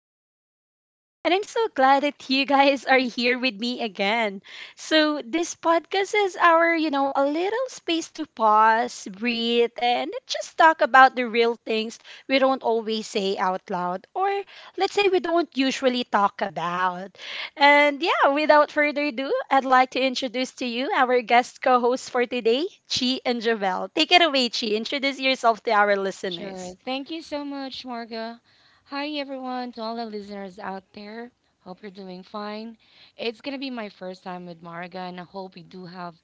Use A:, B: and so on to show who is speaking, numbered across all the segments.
A: episode. And I'm so glad that you guys are here with me again. So, this podcast is our, a little space to pause, breathe, and just talk about the real things we don't always say out loud, or let's say we don't usually talk about. And yeah, without further ado, I'd like to introduce to you our guest co hosts for today, Chi and Javel. Take it away, Chi. Introduce yourself to our
B: Sure.
A: listeners.
B: Thank you so much, Marga. Hi, everyone, to all the listeners out there. Hope you're doing fine. It's going to be my first time with Marga, and I hope we do have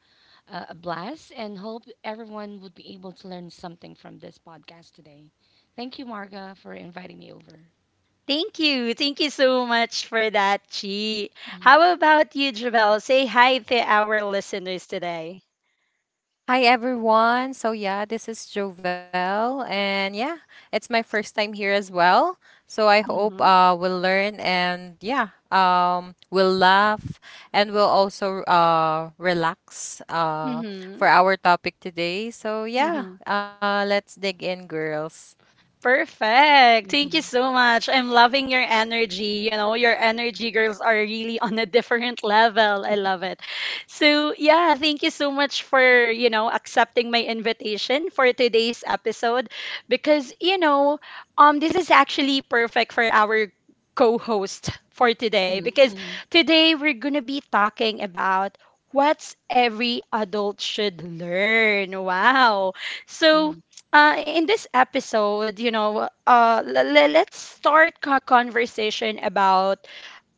B: a blast and hope everyone would be able to learn something from this podcast today. Thank you, Marga, for inviting me over.
A: Thank you. Thank you so much for that, Chi.
B: Mm-hmm.
A: How about you, Javel? Say hi to our listeners today.
C: Hi everyone. This is Jovel and it's my first time here as well. So I hope
A: Mm-hmm.
C: we'll learn and we'll laugh and we'll also relax for our topic today.
A: Mm-hmm.
C: Let's dig in, girls.
A: Perfect. Thank you so much. I'm loving your energy. You know, your energy girls are really on a different level. I love it. So, yeah, thank you so much for, accepting my invitation for today's episode because this is actually perfect for our co-host for today, because today we're going to be talking about what's every adult should learn. Wow. So, in this episode, let's start a conversation about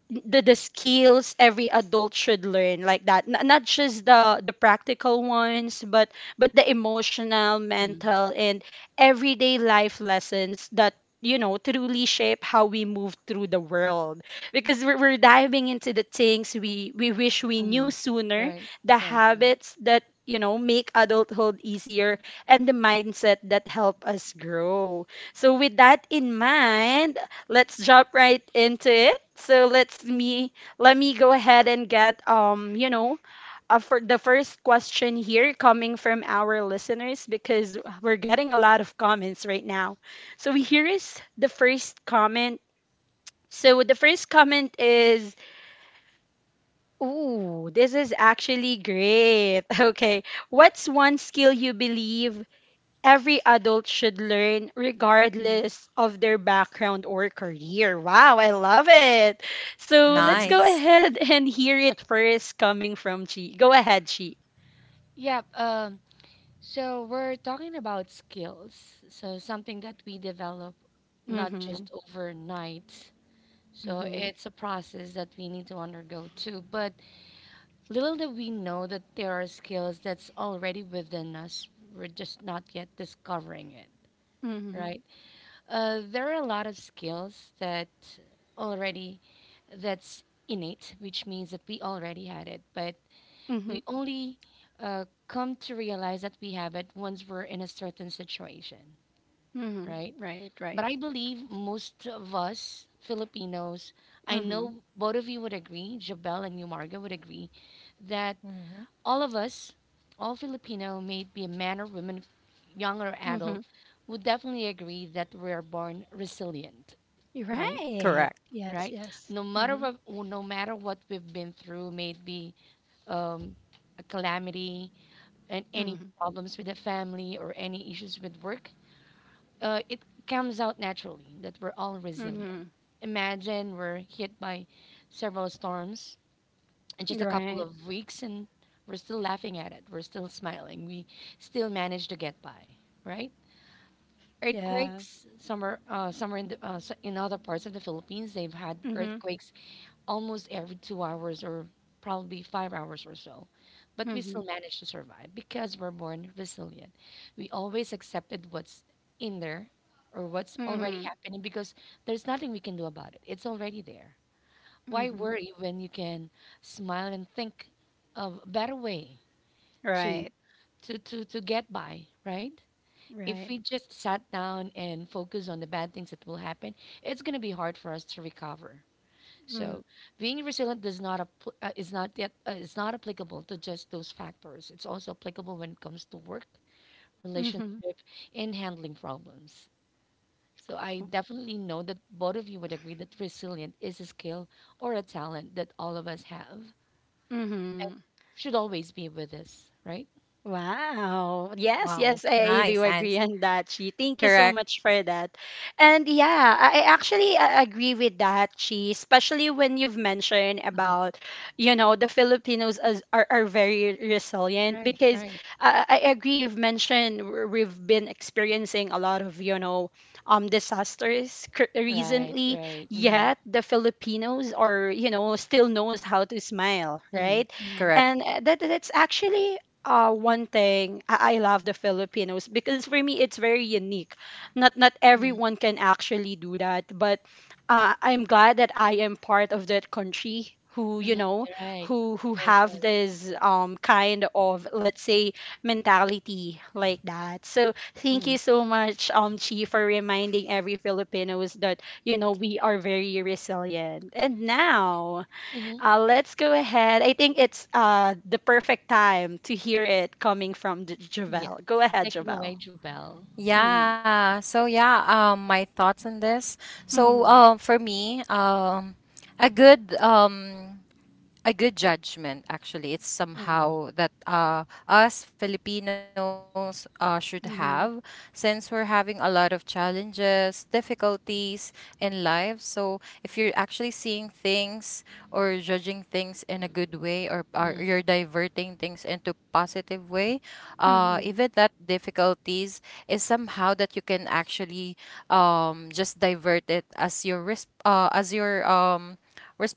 A: the skills every adult should learn like that. Not just the practical ones, but the emotional, mental, and everyday life lessons that, you know, truly shape how we move through the world, because we're diving into the things we wish we knew
B: Hmm.
A: sooner,
B: Right,
A: the
B: right, right.
A: habits that, you know, make adulthood easier, and the mindset that help us grow. So with that in mind, let's jump right into it. So let me go ahead and get you know, for the first question here coming from our listeners, because we're getting a lot of comments right now. So here is the first comment. So the first comment is, "Ooh, this is actually great." Okay, what's one skill you believe every adult should learn regardless of their background or career? Wow, I love it. So let's go
B: Mm-hmm.
C: Nice.
A: ahead and hear it first coming from Chi. Go ahead, Chi.
B: Yep. So we're talking about skills. So something that we develop not
A: Mm-hmm.
B: just overnight. So
A: Mm-hmm.
B: it's a process that we need to undergo too. But little did we know that there are skills that's already within us. We're just not yet discovering it,
A: Mm-hmm.
B: right? There are a lot of skills that already that's innate, which means that we already had it, but
A: Mm-hmm.
B: we only come to realize that we have it once we're in a certain situation,
A: Mm-hmm.
B: right?
A: Right, right.
B: But I believe most of us Filipinos, I
A: Mm-hmm.
B: know both of you would agree, Jabel and you, Marga, would agree that
C: Hmm.
B: all of us, all Filipino, may it be a man or woman, young or
A: Mm-hmm.
B: adult, would definitely agree that we are born resilient,
A: You're
B: right?
A: right.
C: Correct.
A: Yes,
B: Right?
A: yes.
B: No matter
A: Mm-hmm.
B: what, no matter what we've been through, may it be um, a calamity and any
A: Mm-hmm.
B: problems with the family or any issues with work, it comes out naturally that we're all
A: Mm-hmm.
B: resilient. Imagine we're hit by several storms in just a
A: You're
B: couple
A: right.
B: of weeks and we're still laughing at it. We're still smiling. We still manage to get by, right?
A: Yes.
B: Earthquakes, somewhere, somewhere in, the, in other parts of the Philippines, they've had
A: Mm-hmm.
B: earthquakes almost every 2 hours or probably 5 hours or so. But we still
A: Mm-hmm.
B: manage to survive because we're born resilient. We always accepted what's in there or what's already
A: Mm-hmm.
B: happening because there's nothing we can do about it. It's already there. Why
A: Mm-hmm.
B: worry when you can smile and think of a better way to
A: Right.
B: to get by, right? If
A: Right.
B: we just sat down and focus on the bad things that will happen, it's going to be hard for us to recover.
A: Mm-hmm.
B: So being resilient does not appl- is not yet is not applicable to just those factors. It's also applicable when it comes to work,
A: Mm-hmm.
B: relationship, and handling problems. So I definitely know that both of you would agree that resilient is a skill or a talent that all of us have
A: Mm-hmm.
B: and should always be with us, right?
A: Wow. Yes,
C: Wow.
A: yes, I do
C: Nice and
A: agree on that, Chi. Thank you so
C: correct.
A: much for that. And yeah, I actually agree with that, Chi, especially when you've mentioned
B: Hmm.
A: about, you know, the Filipinos are very resilient,
B: Right,
A: because
B: right,
A: I agree, you've mentioned we've been experiencing a lot of, you know, disasters
B: right,
A: recently,
B: right. Mm-hmm,
A: yet the Filipinos are, you know, still knows
C: Correct.
A: how to smile,
B: mm-hmm,
A: right?
B: mm-hmm,
A: And that that's actually one thing I love the Filipinos, because for me it's very unique. Not
B: mm-hmm.
A: everyone can actually do that, but I'm glad that I am part of that country who, you
B: Hmm.
A: know,
B: Right,
A: who
B: right,
A: have
B: right.
A: this kind of, let's say, mentality like that. So thank
B: Mm-hmm,
A: you so much, Chi, for reminding every Filipinos that, you know, we are very resilient. And now.
B: mm-hmm.
A: Let's go ahead. I think it's the perfect time to hear it coming from
B: Yes.
A: Javel. Go ahead,
B: Take it
A: Javel.
B: away, Jubel.
A: Mhm,
C: Yeah. My thoughts on this.
A: mhm,
C: For me, a good um a good judgment, actually it's
B: Mm-hmm,
C: somehow that us Filipinos should
A: mhm,
C: have, since we're having a lot of challenges, difficulties in life. So if you're actually seeing things or judging things in a good way, or
B: mm-hmm.
C: you're diverting things into positive way,
A: mhm,
C: even that difficulties is somehow that you can actually just divert it as your risk, as your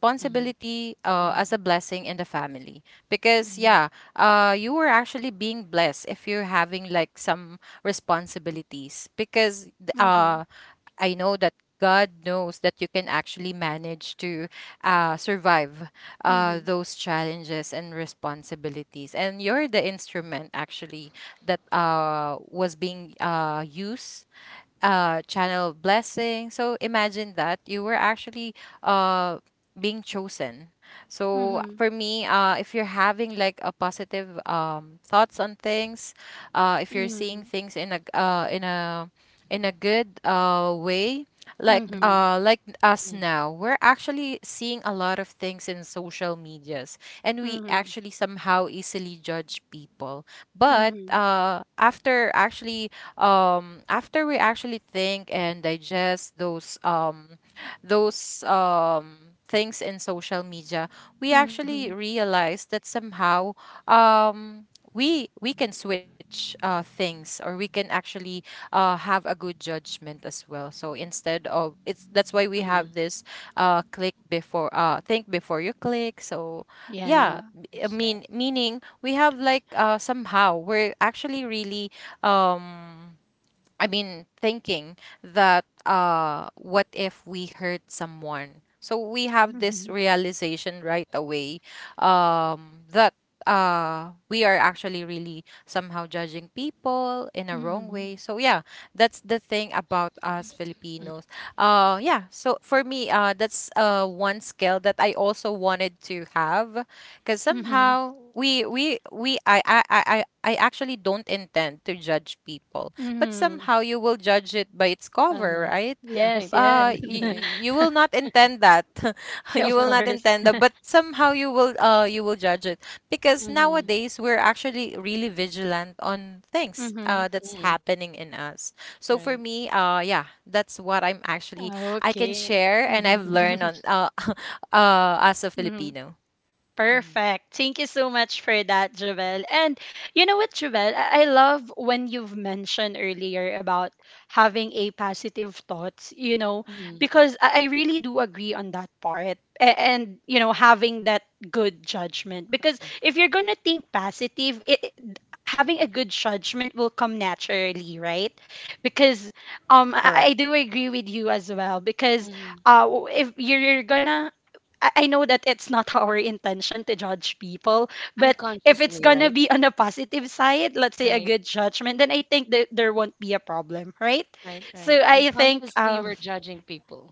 B: Mhm, mhm,
C: as a blessing in the family. Because you were actually being blessed if you're having like some responsibilities, because
A: mhm,
C: I know that God knows that you can actually manage to survive
A: mhm,
C: those challenges and responsibilities, and you're the instrument actually that was being used channel of blessing. So imagine that you were actually uh being chosen.
A: mhm,
C: So
A: mhm,
C: for me, if you're having like a positive thoughts on things, if you're seeing things in a in a in a good way,
B: mhm,
A: mhm,
C: like us
B: mhm,
C: now, we're actually seeing a lot of things in social medias, and we
A: mhm,
C: actually somehow easily judge people.
A: mhm,
C: But
A: mhm,
C: after actually after we actually think and digest those things in social media, we
A: mhm.
C: actually realize that somehow um we can switch things, or we can actually have a good judgment as well. So instead of it's, that's why we
B: mhm.
C: have this click before, think before you click.
A: Yeah.
B: It
C: I
B: says.
C: mean, meaning we have like somehow we're actually really um I mean, thinking that what if we hurt someone? So we have this
A: Mhm,
C: realization right away, that we are actually really somehow judging people in a wrong way.
A: mhm,
C: So yeah, that's the thing about us Filipinos. Yeah. So for me, that's one skill that I also wanted to have, because
A: mhm,
C: somehow we I actually don't intend to judge people, but
A: mhm.
C: somehow you will judge it by its cover,
B: Uh-huh.
C: right?
B: Right,
A: Yes,
B: right,
A: yes.
C: Uh, you,
B: right.
C: you will not intend that.
A: Yeah,
C: You
A: of
C: will not
A: course.
C: intend that, but somehow you will judge it, because
B: Mm-hmm.
C: nowadays we're actually really vigilant on things
A: Mhm.
C: that's
B: Mm-hmm.
C: happening in us. So for
B: Right.
C: me, yeah, that's what I'm actually I can
A: Okay.
C: share and I've
A: Mhm.
C: learned on as a
A: Mhm.
C: Filipino.
B: Mm-hmm.
A: Perfect. Thank you so much for that, Javel. And you know what, Javel? I love when you've mentioned earlier about having a positive thoughts, you know,
B: Mm-hmm.
A: because I really do agree on that part. And, you know, having that good judgment. Because if you're going to think positive, having a good judgment will come naturally, right? Because I
C: Correct.
A: do agree with you as well. Because
B: Mm-hmm.
A: if you're gonna I know that it's not our intention to judge people, but if it's
B: Unconsciously,
A: gonna
B: right?
A: be on a positive side, let's say a
B: Right,
A: good judgment, then I think that there won't be a problem, right?
B: right,
A: So
B: right.
A: I think
B: Unconsciously, we're judging people.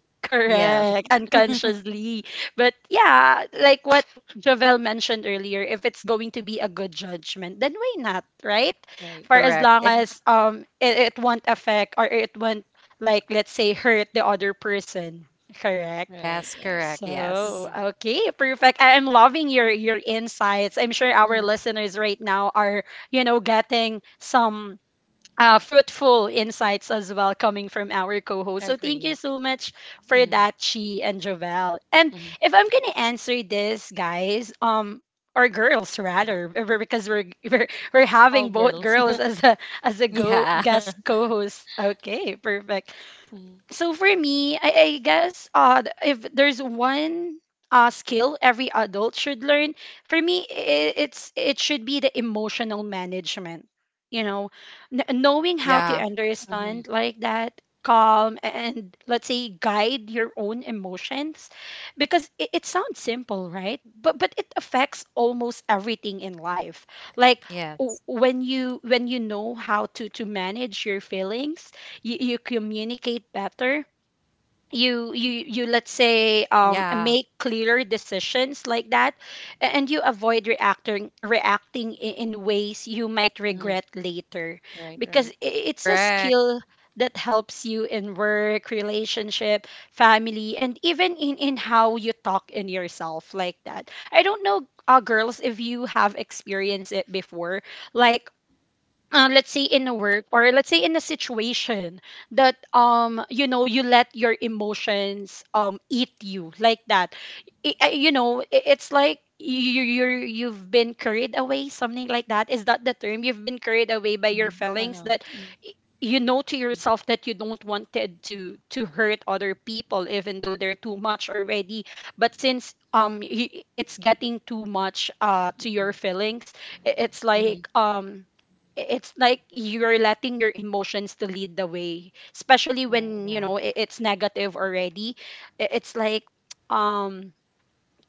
C: Yes.
A: correct, unconsciously, but yeah, like what Jovel mentioned earlier, if it's going to be a good judgment, then why not, right?
B: Right,
A: For
B: right,
A: as
C: Correct.
A: long
C: If
A: as it won't affect or it won't, like let's say, hurt the other person, correct?
B: right,
C: yes,
B: right.
C: correct.
B: Mm-hmm.
A: So,
C: Yes.
A: okay, perfect. I'm loving your insights. I'm sure our
B: Mm-hmm.
A: listeners right now are, you know, getting some fruitful insights as well coming from our co-host.
B: I
A: So thank
B: agree, I
A: you so
B: agree.
A: much for
B: Mm-hmm.
A: that, Chi and Jovel. And
B: Mm-hmm.
A: if I'm gonna answer this, guys, or girls rather, because we're having
B: All
A: both
B: girls.
A: girls as a go
C: Yeah.
A: guest co-host. Okay, perfect.
B: Mm-hmm.
A: So for me, I guess if there's one skill every adult should learn, for me, I it's it should be the emotional management. You know, Kn knowing how to
C: Yeah.
A: understand, like that, calm and, let's say, guide your own emotions, because it sounds simple, right, but it affects almost everything in life, like
C: Yes.
A: when you, when you know how to manage your feelings, you communicate better, you let's say make
C: Yeah.
A: clearer decisions like that, and you avoid reacting in ways you might
B: Mm-hmm.
A: regret later,
B: Right,
A: because
B: right.
A: it's a
C: Correct.
A: skill that helps you in work, relationship, family, and even in how you talk in yourself like that. I don't know, girls, if you have experienced it before, like let's say in a work, or let's say in a situation that, you know, you let your emotions eat you like that. You know, it's like you've been carried away, something like that. Is that the term? You've been carried away by your
B: Mm-hmm.
A: feelings,
B: Wow.
A: that
B: Mm-hmm.
A: y- you know to yourself that you don't wanted to hurt other people even though they're too much already, but since it's getting too much to your feelings, i- it's
B: Mm-hmm.
A: like um it's like you're letting your emotions to lead the way, especially
B: Right.
A: when you know
C: Yeah.
A: it's negative already. It's like um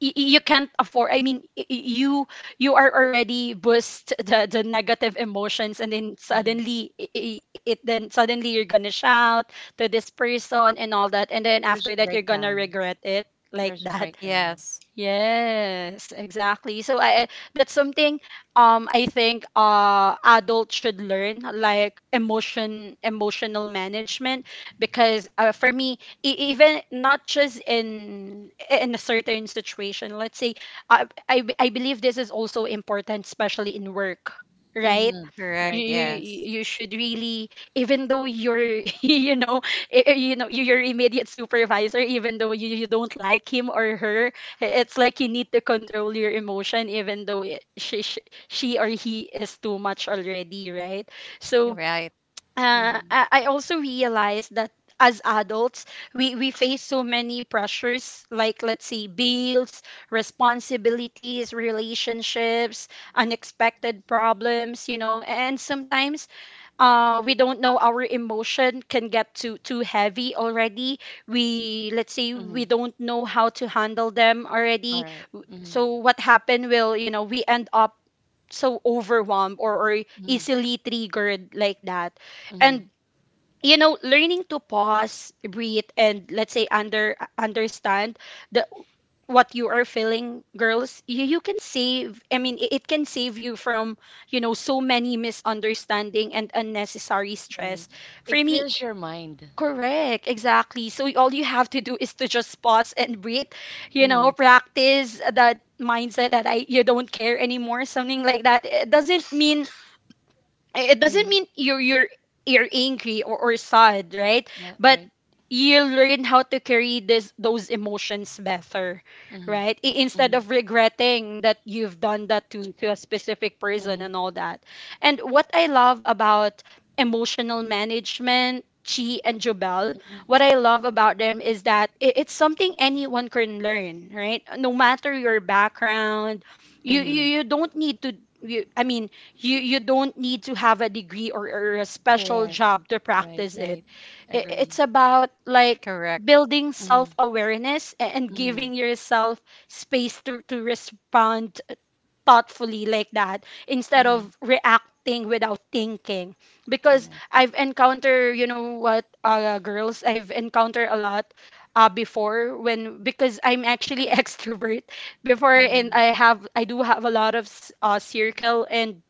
A: you can't afford, I mean you, you are already boost the negative emotions, and then
B: Mm-hmm.
A: suddenly I- it then suddenly you're gonna shout to this person and all that, and then after
B: There's a
A: that you're gonna
B: breakdown.
A: regret it like
B: There's a
A: that.
B: breakdown.
C: Yes.
A: Yes, exactly. So that's something I think adults should learn, like emotional management, because for me, even not just in a certain situation, let's say, I believe this is also important, especially in work, right?
B: Mm-hmm.
A: you
B: Right,
C: Correct.
A: you
B: right.
A: you
C: Yes.
A: should really, even though you're you know, you know, your immediate supervisor, even though you don't like him or her, it's like you need to control your emotion, even though it, she or he is too much already, right? So
C: Right.
A: uh,
B: Mhm,
A: I I also realized that as adults, we face so many pressures, like let's say bills, responsibilities, relationships, unexpected problems, you know, and sometimes we don't know our emotion can get too heavy already. We Let's say we
B: mhm.
A: don't know how to handle them already.
B: Alright. Mhm,
A: So what happened will, you know, we end up so overwhelmed, or
B: mhm,
A: easily triggered like that.
B: mhm.
A: And you know, learning to pause, breathe, and let's say understand the what you are feeling, girls, you can save, I mean it can save you from, you know, so many misunderstanding and unnecessary stress,
B: Right.
A: for
B: It
A: me.
B: clears your mind.
A: Correct, exactly. So all you have to do is to just pause and breathe, you know,
B: Mhm,
A: practice that mindset that I you don't care anymore, something like that. It doesn't mean, it doesn't
B: mhm.
A: mean you're angry, or sad, right?
B: That
A: But
B: right.
A: you learn how to carry this those emotions better,
B: Mhm,
A: right, instead
B: mhm,
A: of regretting that you've done that to a specific person
B: mhm,
A: and all that. And what I love about emotional management, Chi and Jubal,
B: mhm,
A: what I love about them is that it's something anyone can learn, right, no matter your background.
B: mhm.
A: You don't need to, I mean, you you don't need to have a degree, or a special
B: Correct.
A: job to
B: Right,
A: practice
B: right.
A: it.
B: Agree.
A: It's about,
C: Correct.
A: like, building
B: Mhm,
A: self-awareness and
B: mhm,
A: giving yourself space to respond thoughtfully like that, instead
B: mhm.
A: of reacting without thinking. Because
B: Correct.
A: I've encountered, you know what, girls, I've encountered a lot before, when, because I'm actually extrovert before, and
B: Mhm,
A: I do have a lot of circle, and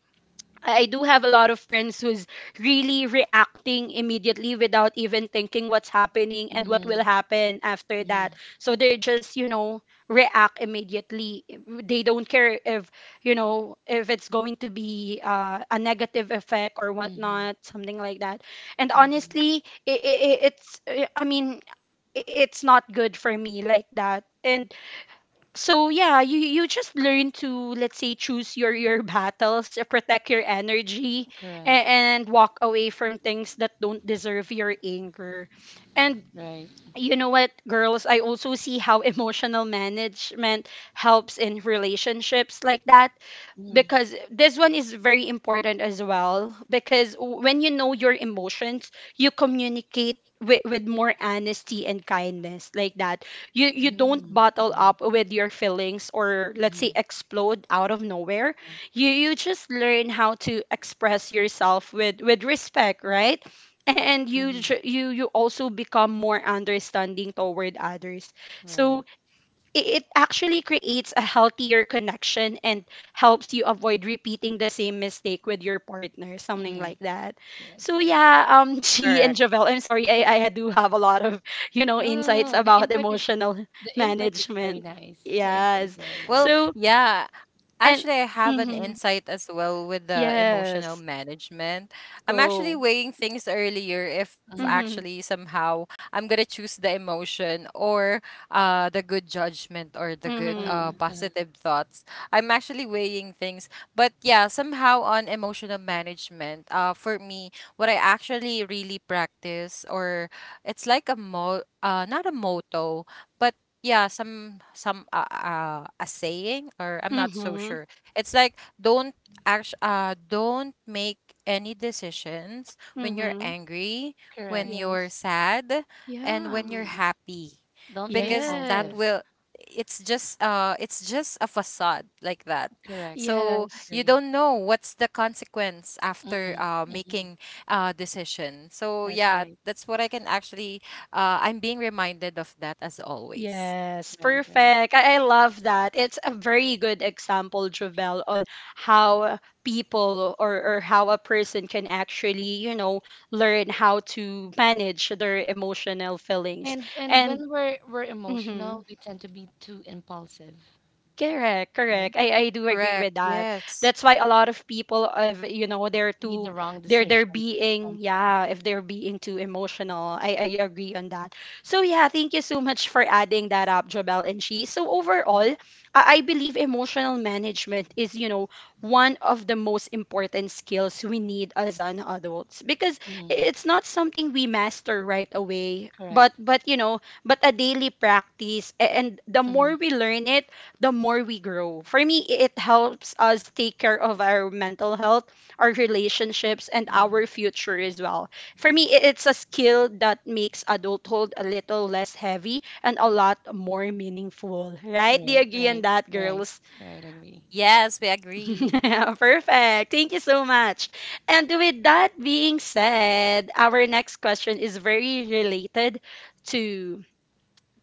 A: I do have a lot of friends who's really reacting immediately without even thinking what's happening and what will
B: mhm,
A: happen after
B: mhm,
A: that. So they just, you know, react immediately. They don't care if, you know, if it's going to be a negative effect or
B: mhm,
A: whatnot, something like that. And
B: mhm.
A: honestly, I mean, it's not good for me like that. And so yeah, you just learn to, let's say, choose your battles, protect your energy and,
B: Correct.
A: and walk away from things that don't deserve your anger. And
B: Right.
A: you know what, girls, I also see how emotional management helps in relationships like that,
B: Mhm,
A: because this one is very important as well, because when you know your emotions, you communicate with more honesty and kindness like that. You don't
B: mhm,
A: bottle
B: mhm,
A: up with your feelings or, let's say,
B: mhm.
A: explode out of nowhere.
B: Uh-huh,
A: You just learn how to express yourself with respect, right? And you
B: mhm.
A: ju- you also become more understanding toward others, so
B: Right.
A: it actually creates a healthier connection and helps you avoid repeating the same mistake with your partner, something
B: Mhm.
A: like that.
B: Yes,
A: So
B: yes.
A: yeah, G
C: Correct.
A: and Javel, I'm sorry, I do have a lot of
B: No, no, no.
A: insights about emotional
B: The input is very
A: management.
B: nice. The input is
A: Yes.
B: very
C: Well,
B: nice.
A: So
C: yeah,
A: and
C: Actually, I have an
A: mm-hmm,
C: insight as well with the emotional
A: yes,
C: management. I'm actually
A: go.
C: weighing things earlier if
B: Uh-huh.
A: Mm-hmm,
C: actually somehow I'm gonna choose the emotion, or the good judgment, or the good
B: Uh-huh.
A: mm-hmm,
B: Uh-huh.
C: positive thoughts. I'm actually weighing things. But yeah, somehow on emotional management, for me, what I actually really practice, or it's like a mo not a motto, but yeah, some a saying, or I'm not so
A: mm-hmm,
C: sure. It's like don't act, don't make any decisions when you're
A: mm-hmm.
C: angry, when
B: Correct.
C: you're
A: Yes.
C: sad, and
A: Yeah.
C: when you're happy.
B: Don't be
C: Because that
B: impulsive.
A: Yes.
C: will, it's just a facade like that.
B: Correct.
C: So
A: Yes.
C: you
B: Agree.
C: don't know what's the consequence
B: Mm-hmm.
C: after
B: Mm-hmm.
C: making a decision. So
B: That's right.
C: yeah, that's what I can actually I'm being reminded of that as always.
A: Yes,
B: Right, right.
A: perfect. I love that. It's a very good example, Jovel, on how people or how a person can actually, learn how to manage their emotional feelings.
B: And and when
A: And
B: we're we're emotional,
A: mhm.
B: we tend to be too impulsive,
A: Correct,
B: right?
A: correct. I do agree with
C: Correct.
A: that. That's
C: Yes.
A: why a lot of people of they're
B: Made the
A: too
B: wrong
A: they're they're
B: decision
A: being,
B: sometimes.
A: yeah, if they're being too emotional. I agree on that. So yeah, thank you so much for adding that up, Jobel and she. So overall, I believe emotional management is, one of the most important skills we need as an adults, because
B: Mm-hmm.
A: it's not something we master right away.
B: Correct.
A: But you know but a daily practice, and the more we learn it, the more we grow. For me, it helps us take care of our mental health, our relationships, and
B: Mm-hmm.
A: our future as well. For me, it's a skill that makes adulthood a little less heavy and a lot more meaningful, right? Do you
B: Right,
A: agree on
B: right,
A: that,
B: right,
A: girls?
B: right. I agree.
C: Yes, we agree.
A: Perfect. Thank you so much. And with that being said, our next question is very related to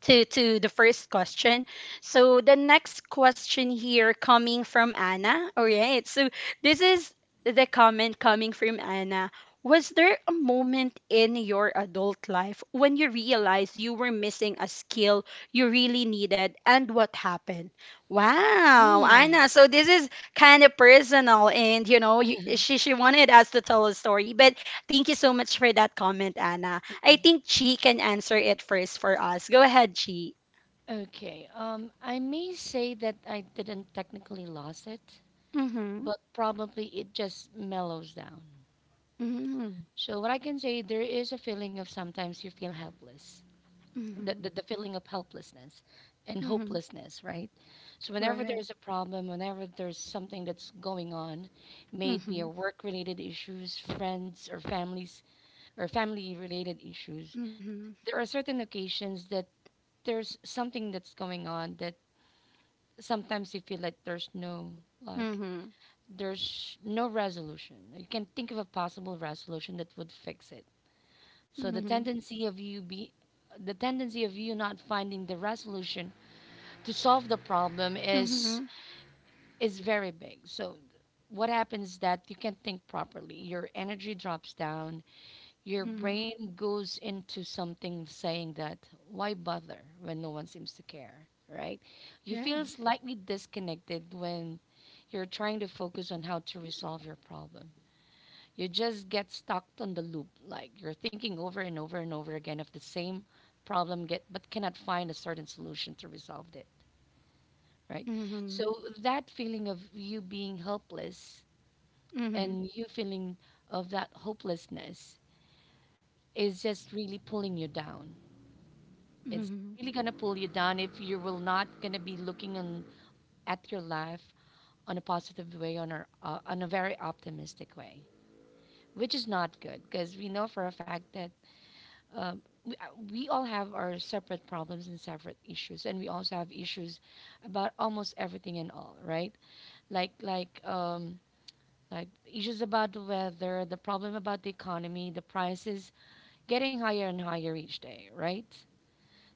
A: to the first question. So the next question here coming from Anna. All right. So this is the comment coming from Anna. Was there a moment in your adult life when you realized you were missing a skill you really needed, and what happened? Wow,
B: Hmm.
A: Anna. So this is kind of personal, and you know, you, she wanted us to tell a story, but thank you so much for that comment, Anna. I think Chi can answer it first for us. Go ahead, Chi.
B: Okay. I may say that I didn't technically lose it,
A: Mm-hmm.
B: but probably it just mellows down.
A: Mm-hmm.
B: So what I can say, there is a feeling of sometimes you feel helpless, the,
A: Mm-hmm.
B: the, the feeling of helplessness and
A: Mm-hmm.
B: hopelessness, right? So whenever
A: Right.
B: there's a problem, whenever there's something that's going on, may it be a
A: Mm-hmm.
B: work-related issues, friends or families or family-related issues,
A: Mm-hmm.
B: there are certain occasions that there's something that's going on that sometimes you feel like
A: Mm-hmm.
B: there's no resolution. You can think of a possible resolution that would fix it. So
A: Mm-hmm.
B: the tendency of you not finding the resolution to solve the problem
A: Mm-hmm.
B: is very big. So what happens is that you can't think properly. Your energy drops down, your
A: Mm-hmm.
B: brain goes into something saying that, why bother when no one seems to care, right? You feel
A: Right.
B: slightly disconnected when you're trying to focus on how to resolve your problem. You just get stuck on the loop, like you're thinking over and over and over again of the same problem, but cannot find a certain solution to resolve it, right? So
A: Mm-hmm.
B: that feeling of you being helpless
A: Mm-hmm.
B: and you feeling of that hopelessness is just really pulling you down. It's
A: Mm-hmm.
B: really going to pull you down if you will not going to be looking on, at your life on a positive way, on a very optimistic way, which is not good because we know for a fact that um, we, uh, we all have our separate problems and separate issues, and we also have issues about almost everything and all, right? Like, like, um, like issues about the weather, the problem about the economy, the prices getting higher and higher each day, right?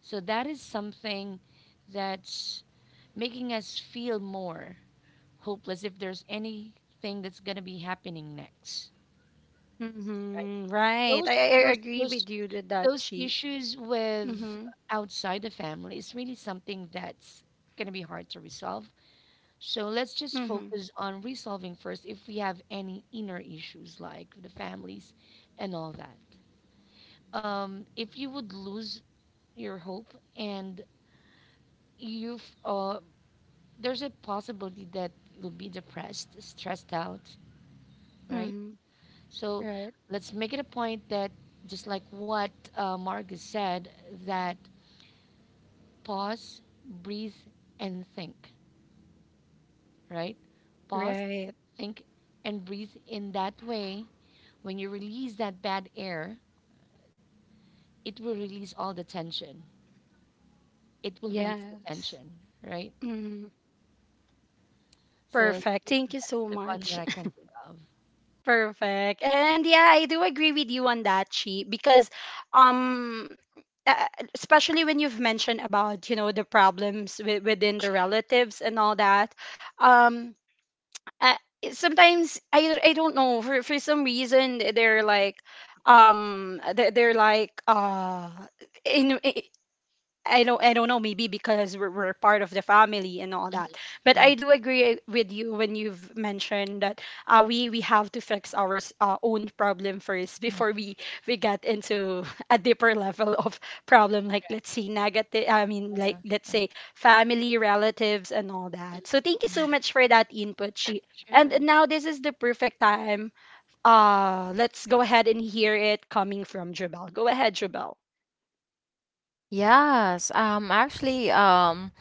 B: So that is something that making us feel more hopeless if there's anything that's going to be happening next, right?
A: Mm-hmm. Right. I,
B: those
A: I I
B: those
A: agree with
B: those
A: you with that,
B: those
A: Chi.
B: issues with
A: Mm-hmm.
B: outside the family is really something that's going to be hard to resolve, so let's just
A: Mm-hmm.
B: focus on resolving first if we have any inner issues like the families and all that. If you would lose your hope and you've there's a possibility that you'll be depressed, stressed out, right?
A: Mm-hmm.
B: So
A: Right.
B: let's make it a point that just like what Marcus said, that pause, breathe, and think, right? Pause,
A: Right.
B: think, and breathe in that way. When you release that bad air, it will release all the tension. It will release the
A: Yes.
B: tension, right?
A: Mm-hmm.
B: So
A: Perfect. Thank you
B: that's
A: so
B: the one that
A: much.
B: I can think of.
A: Perfect. And yeah, I do agree with you on that, Chi, because um uh, especially when you've mentioned about, the problems within the relatives and all that. Um uh, sometimes I don't know, for some reason they're like they're like in, I don't know, maybe because we're part of the family and all that. But I do agree, with you when you've mentioned that, we have to fix our own problem first before we get into a deeper level of problem, like, let's
B: Correct.
A: say, negative. I mean, like, let's
B: Uh,
A: say,
B: uh,
A: family, relatives and all that. So thank you so much for that input. She and
B: sure.
A: now this is the perfect time. Let's go ahead and hear it coming from Jabal. Go ahead, Jabal.
C: Yes, actually,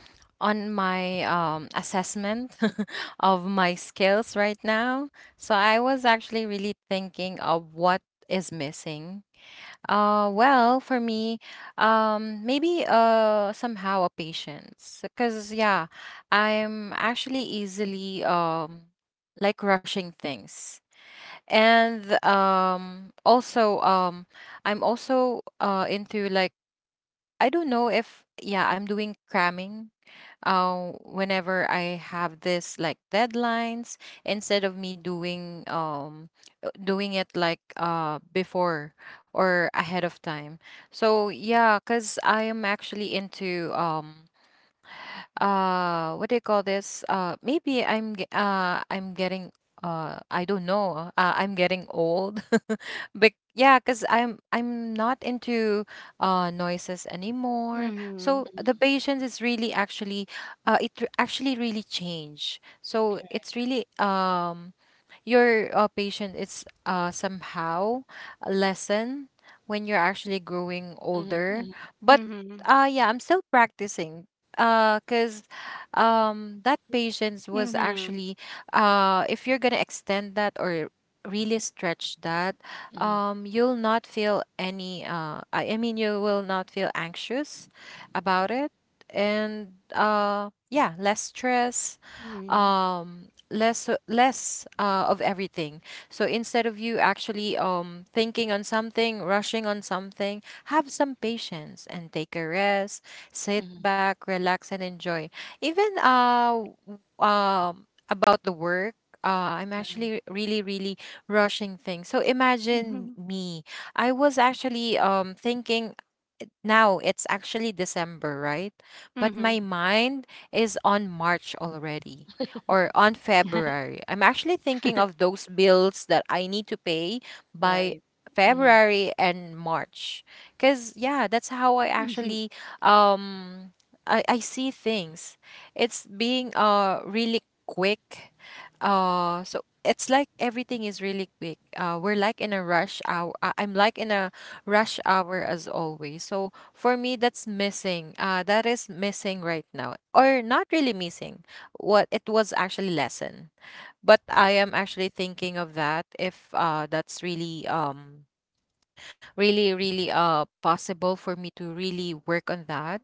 C: on my assessment of my skills right now, so I was actually really thinking of what is missing. Well, for me, maybe somehow a patience, because yeah, I'm actually easily like rushing things, and also I'm also into like, I don't know if yeah, I'm doing cramming whenever I have this like deadlines, instead of me doing doing it like before or ahead of time. So yeah, cause I am actually into what do you call this, maybe I'm getting I don't know I'm getting old. But yeah, because I'm not into noises anymore, so
A: Mhm.
C: the patience is really actually actually really changed. So
B: Correct.
C: it's really your patience is, somehow lessen when you're actually growing
B: Mm-hmm, mm-hmm,
C: older. But
A: Mhm.
C: yeah, I'm still practicing, because that patience was
A: Mhm.
C: actually, if you're going to extend that, or really stretch that,
B: mm-hmm,
C: you'll not feel any, I mean, you will not feel anxious about it. And yeah, less stress.
A: Mhm.
C: Um, less of everything. So instead of you actually thinking on something, rushing on something, have some patience and take a rest, sit
B: mm-hmm.
C: back, relax, and enjoy. Even about the work, I'm actually really, really rushing things. So imagine
A: Mhm.
C: me. I was actually thinking, now it's actually December, right? But my mind is on March already, or on February. I'm actually thinking of those bills that I need to pay by
B: Right.
C: February and March. Cause yeah, that's how I
A: Mhm.
C: actually um I see things. It's being really quick. So it's like everything is really quick. We're like in a rush hour. I'm like in a rush hour as always. So for me, that's missing. That is missing right now, or not really missing. What it was actually lesson, but I am actually thinking of that if that's really possible for me to really work on that.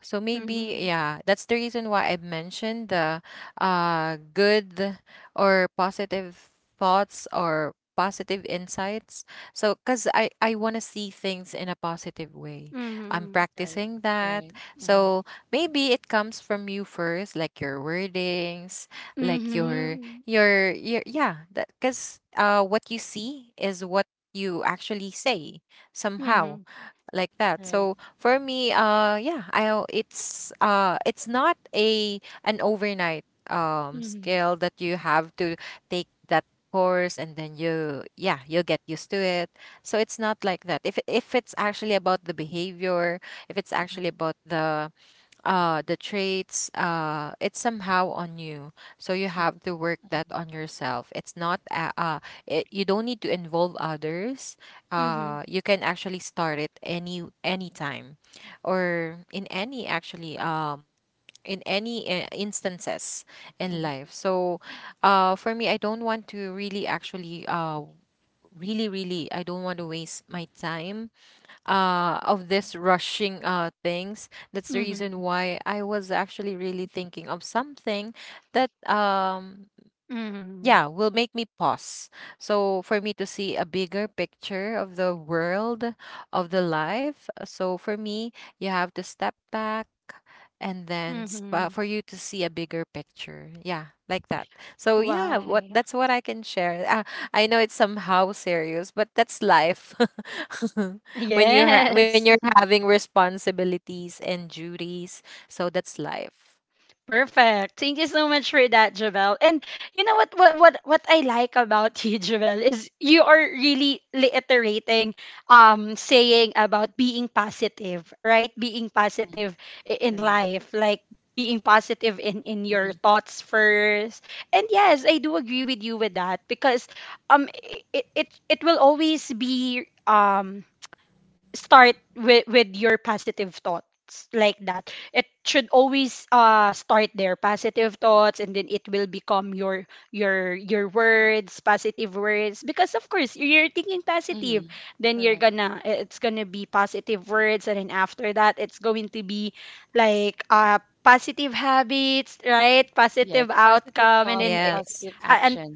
C: So maybe
A: Mhm.
C: yeah, that's the reason why I mentioned the good or positive thoughts or positive insights. So because I want to see things in a positive way, I'm
A: Mhm.
B: Right.
C: practicing
B: Right.
C: that.
B: Mm-hmm,
C: So maybe it comes from you first, like your wordings, like your
A: Mhm.
C: yeah, that because what you see is what you actually say somehow,
A: Mhm.
C: like that.
B: right.
C: So for me, it's, it's not a an overnight
A: Mhm.
C: skill that you have to take that course, and then you, yeah, you'll get used to it. So it's not like that. If it's actually about the behavior, if it's
B: Mm-hmm,
C: actually about the traits, it's somehow on you. So you have to work that on yourself. It's not it, you don't need to involve others.
A: Mhm.
C: You can actually start it anytime or in any actually in any instances in
B: mm-hmm.
C: life. So for me, I don't want to really actually really really I don't want to waste my time of this rushing things. That's the reason
A: Mhm.
C: why I was actually really thinking of something that
A: Mhm. Mhm.
C: yeah, will make me pause. So for me to see a bigger picture of the world, of the life. So for me, you have to step back, and then
A: Mhm.
C: for you to see a bigger picture. Yeah, like that. So yeah, what
A: Why?
C: that's what I can share. I know it's somehow serious, but that's life. When
A: Yes.
C: you're having responsibilities and duties, so that's life.
A: Perfect. Thank you so much for that, Javel. And you know what I like about you, Javel, is you are really reiterating, saying about being positive, right? Being positive in
B: Correct.
A: life, like being positive in your
B: Hmm.
A: thoughts first. And yes, I do agree with you with that, because um it will always be, start with your positive thoughts, like that. It should always start there, positive thoughts, and then it will become your your words, positive words, because of course you're thinking
B: Hmm.
A: positive, then you're
B: Correct.
A: gonna it's gonna be positive words, and then after that it's going to be like, positive habits, right? Positive
B: Yes. Positive
A: outcome, and then
B: thoughts,
C: Yes.
B: positive
A: and
B: actions.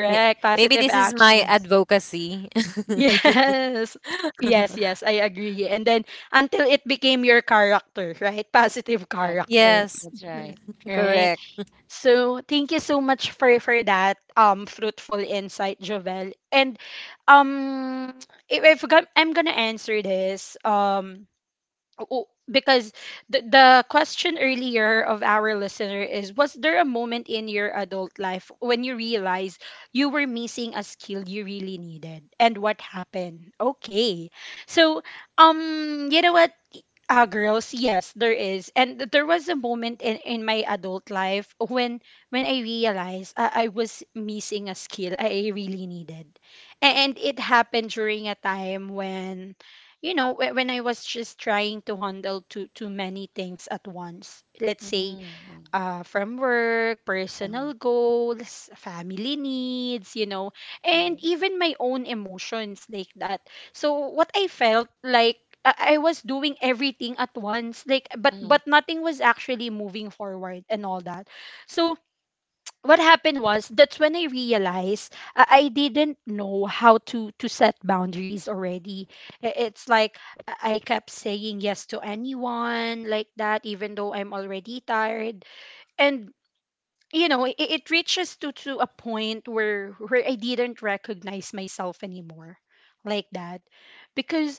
C: May- Maybe
A: positive
C: this is my
A: actions.
C: advocacy.
A: Yes. Yes, yes, I agree. And then until it became your character, right? Positive
B: Correct.
A: character,
B: Correct.
C: Yes.
B: That's right.
A: right?
C: Correct.
A: So thank you so much for that fruitful insight, Jovel. And um if I'm gonna answer this, oh, because the question earlier of our listener is, was there a moment in your adult life when you realized you were missing a skill you really needed and what happened? Okay, so you know what, ah, girls, yes, there is. And there was a moment in my adult life when I realized I was missing a skill I really needed. And it happened during a time when, when I was just trying to handle too many things at once. Let's say,
B: Mm-hmm.
A: from work,
B: Uh-huh.
A: personal goals, family needs, you know, and
B: Right.
A: even my own emotions like that. So what I felt like, I was doing everything at once, like, but
B: Mm-hmm.
A: but nothing was actually moving forward and all that. So what happened was, that's when I realized, I didn't know how to set boundaries already. It's like I kept saying yes to anyone like that, even though I'm already tired, and it reaches to a point where I didn't recognize myself anymore like that, because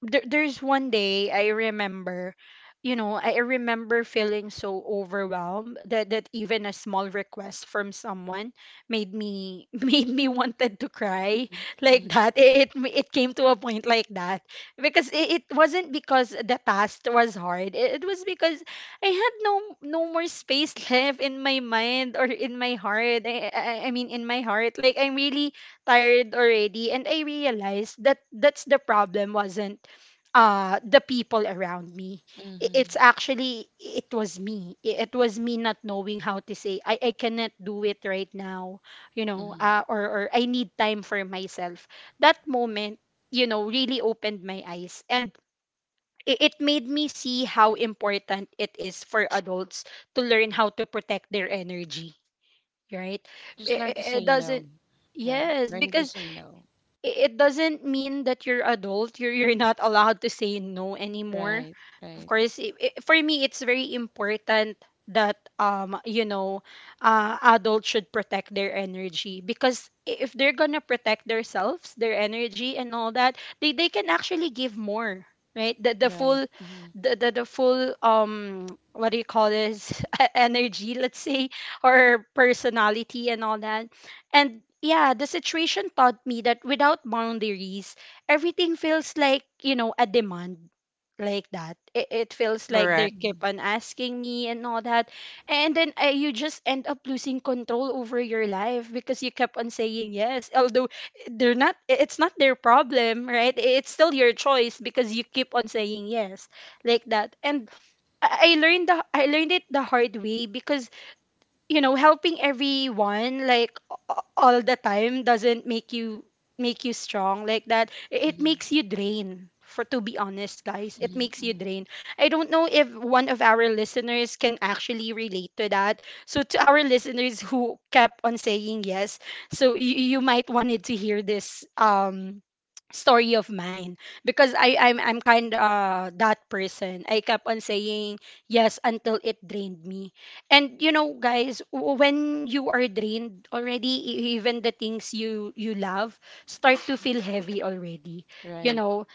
A: there's one day I remember, I remember feeling so overwhelmed that even a small request from someone made me made me wanted to cry like that. It came to a point like that, because it wasn't because the task was hard. It was because I had no more space left in my mind or in my heart. I I mean, in my heart. Like, I'm really tired already, and I realized that that's the problem. Wasn't the people around me, it's
B: Mm-hmm.
A: actually, it was me, it was me not knowing how to say, I cannot do it right now, or I need time for myself. That moment, really opened my eyes, and it made me see how important it is for adults to learn how to protect their energy, right?
B: Just learn to
A: It
B: say no.
A: doesn't.
B: Right.
A: Yes,
B: Learning to
A: because
B: say no.
A: it doesn't mean that you're adult, you're not allowed to say no anymore.
B: Right.
A: Of
B: Right.
A: course, I for me it's very important that adults should protect their energy, because if they're gonna protect themselves, their energy and all that, they can actually give more, right? The
B: Right.
A: full,
B: Mm-hmm.
A: the full, what do you call this, energy, let's say, or personality and all that. And yeah, the situation taught me that without boundaries, everything feels like, you know, a demand like that. It feels like they
C: Correct.
A: keep on asking me and all that. And then, you just end up losing control over your life, because you kept on saying yes, although they're not, it's not their problem, right? It's still your choice because you keep on saying yes like that. And I learned the, I learned it the hard way, because you know, helping everyone like all the time doesn't make you strong like that, it makes you drain. For to be honest, guys, it makes you
B: Mm-hmm.
A: drain. I don't know if one of our listeners can actually relate to that. So to our listeners who kept on saying yes, so you might wanted to hear this story of mine, because I'm kind, that person. I kept on saying yes until it drained me. And you know, guys, when you are drained already, even the things you love start to feel heavy already. You
B: Right.
A: know,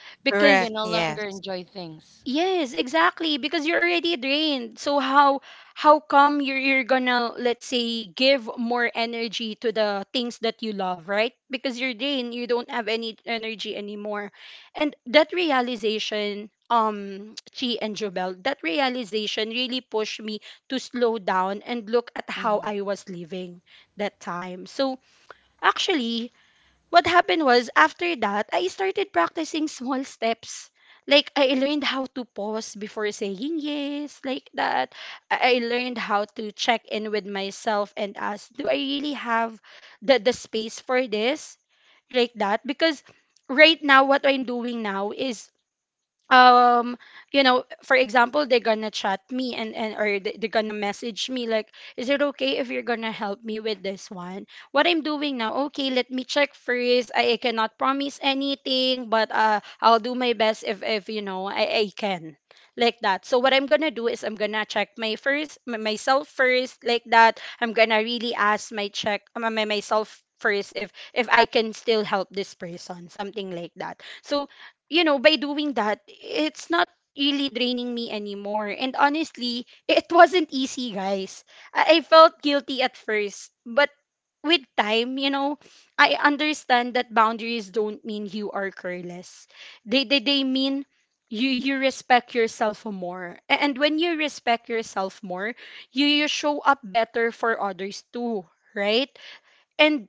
B: You
A: because,
C: Correct.
B: can no longer
C: Yes.
B: enjoy things.
A: yes, exactly, because you're already drained. So how come you're gonna, let's say, give more energy to the things that you love, right? Because you're drained, you don't have any energy anymore. And that realization, Chi and Jobel, that realization really pushed me to slow down and look at how
B: Mm-hmm.
A: I was living that time. So actually, what happened was after that, I started practicing small steps. Like I learned how to pause before saying yes, like that. I learned how to check in with myself and ask, do I really have the space for this? Like that, because right now what I'm doing now is, um you know, for example, they're gonna chat me and or they're gonna message me like, is it okay if you're gonna help me with this one? What I'm doing now, okay, let me check first. I cannot promise anything, but I'll do my best if, you know, I can, like that. So what I'm gonna do is I'm gonna check myself first, like that. I'm gonna really ask my check my, my myself first if I can still help this person, something like that. So you know, by doing that, it's not really draining me anymore. And honestly, it wasn't easy, guys. I felt guilty at first, but with time, you know, I understand that boundaries don't mean you are careless. They mean you respect yourself more. And when you respect yourself more, you show up better for others too, right? And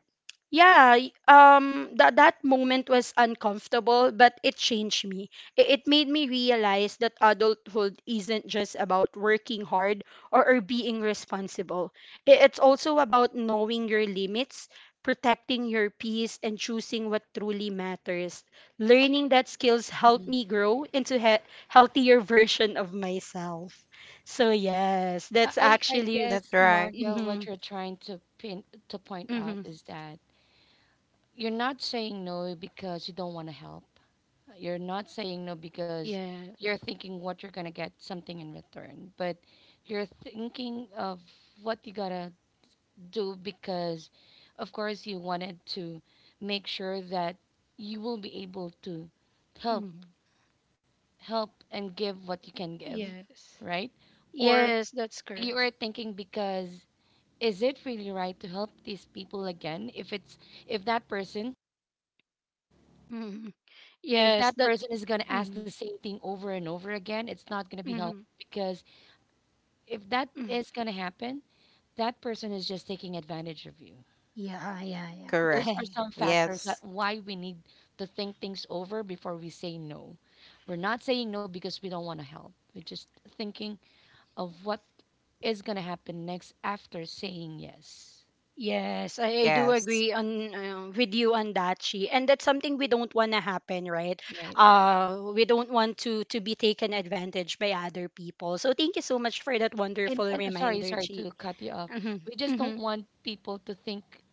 A: yeah, that moment was uncomfortable, but it changed me. It made me realize that adulthood isn't just about working hard, or, being responsible. It's also about knowing your limits, protecting your peace, and choosing what truly matters. Learning that skills helped me grow into healthier version of myself. So yes, that's
B: I
A: actually.
C: That's
B: guess
C: right.
B: Margo, what
A: Mm-hmm,
B: you're trying to pin to point out
A: mm-hmm,
B: is that you're not saying no because you don't want to help. You're not saying no because
A: yeah.
B: you're thinking what you're going to get something in return, but you're thinking of what you got to do because, of course, you wanted to make sure that you will be able to help
A: Mhm.
B: help and give what you can give,
A: Yes.
B: right? Or
A: Yes, that's
B: you
A: correct.
B: are thinking because is it really right to help these people again if it's if that person,
A: Mhm.
B: if
A: Yes,
B: that
A: that.
B: person is going to ask the
A: Mhm.
B: same thing over and over again, it's not going to be helpful
A: Mhm.
B: because if that
A: Mhm.
B: is going to happen, that person is just taking advantage of you.
A: Yeah, yeah, yeah.
B: Those
C: Correct.
B: are
A: I,
B: some factors that
C: Yes.
B: why we need to think things over before we say no. We're not saying no because we don't want to help. We're just thinking of what is going to happen next after saying yes.
A: yes, I do agree
C: Yes.
A: on, with you on that, she. And that's something we don't want to happen, right?
B: Right, right.
A: We don't want to be taken advantage by other people. So thank you so much for that
B: And
A: wonderful
B: sorry,
A: reminder,
B: sorry
A: Chi.
B: to cut you off.
A: Mm-hmm.
B: We just
A: Mm-hmm.
B: don't want people to think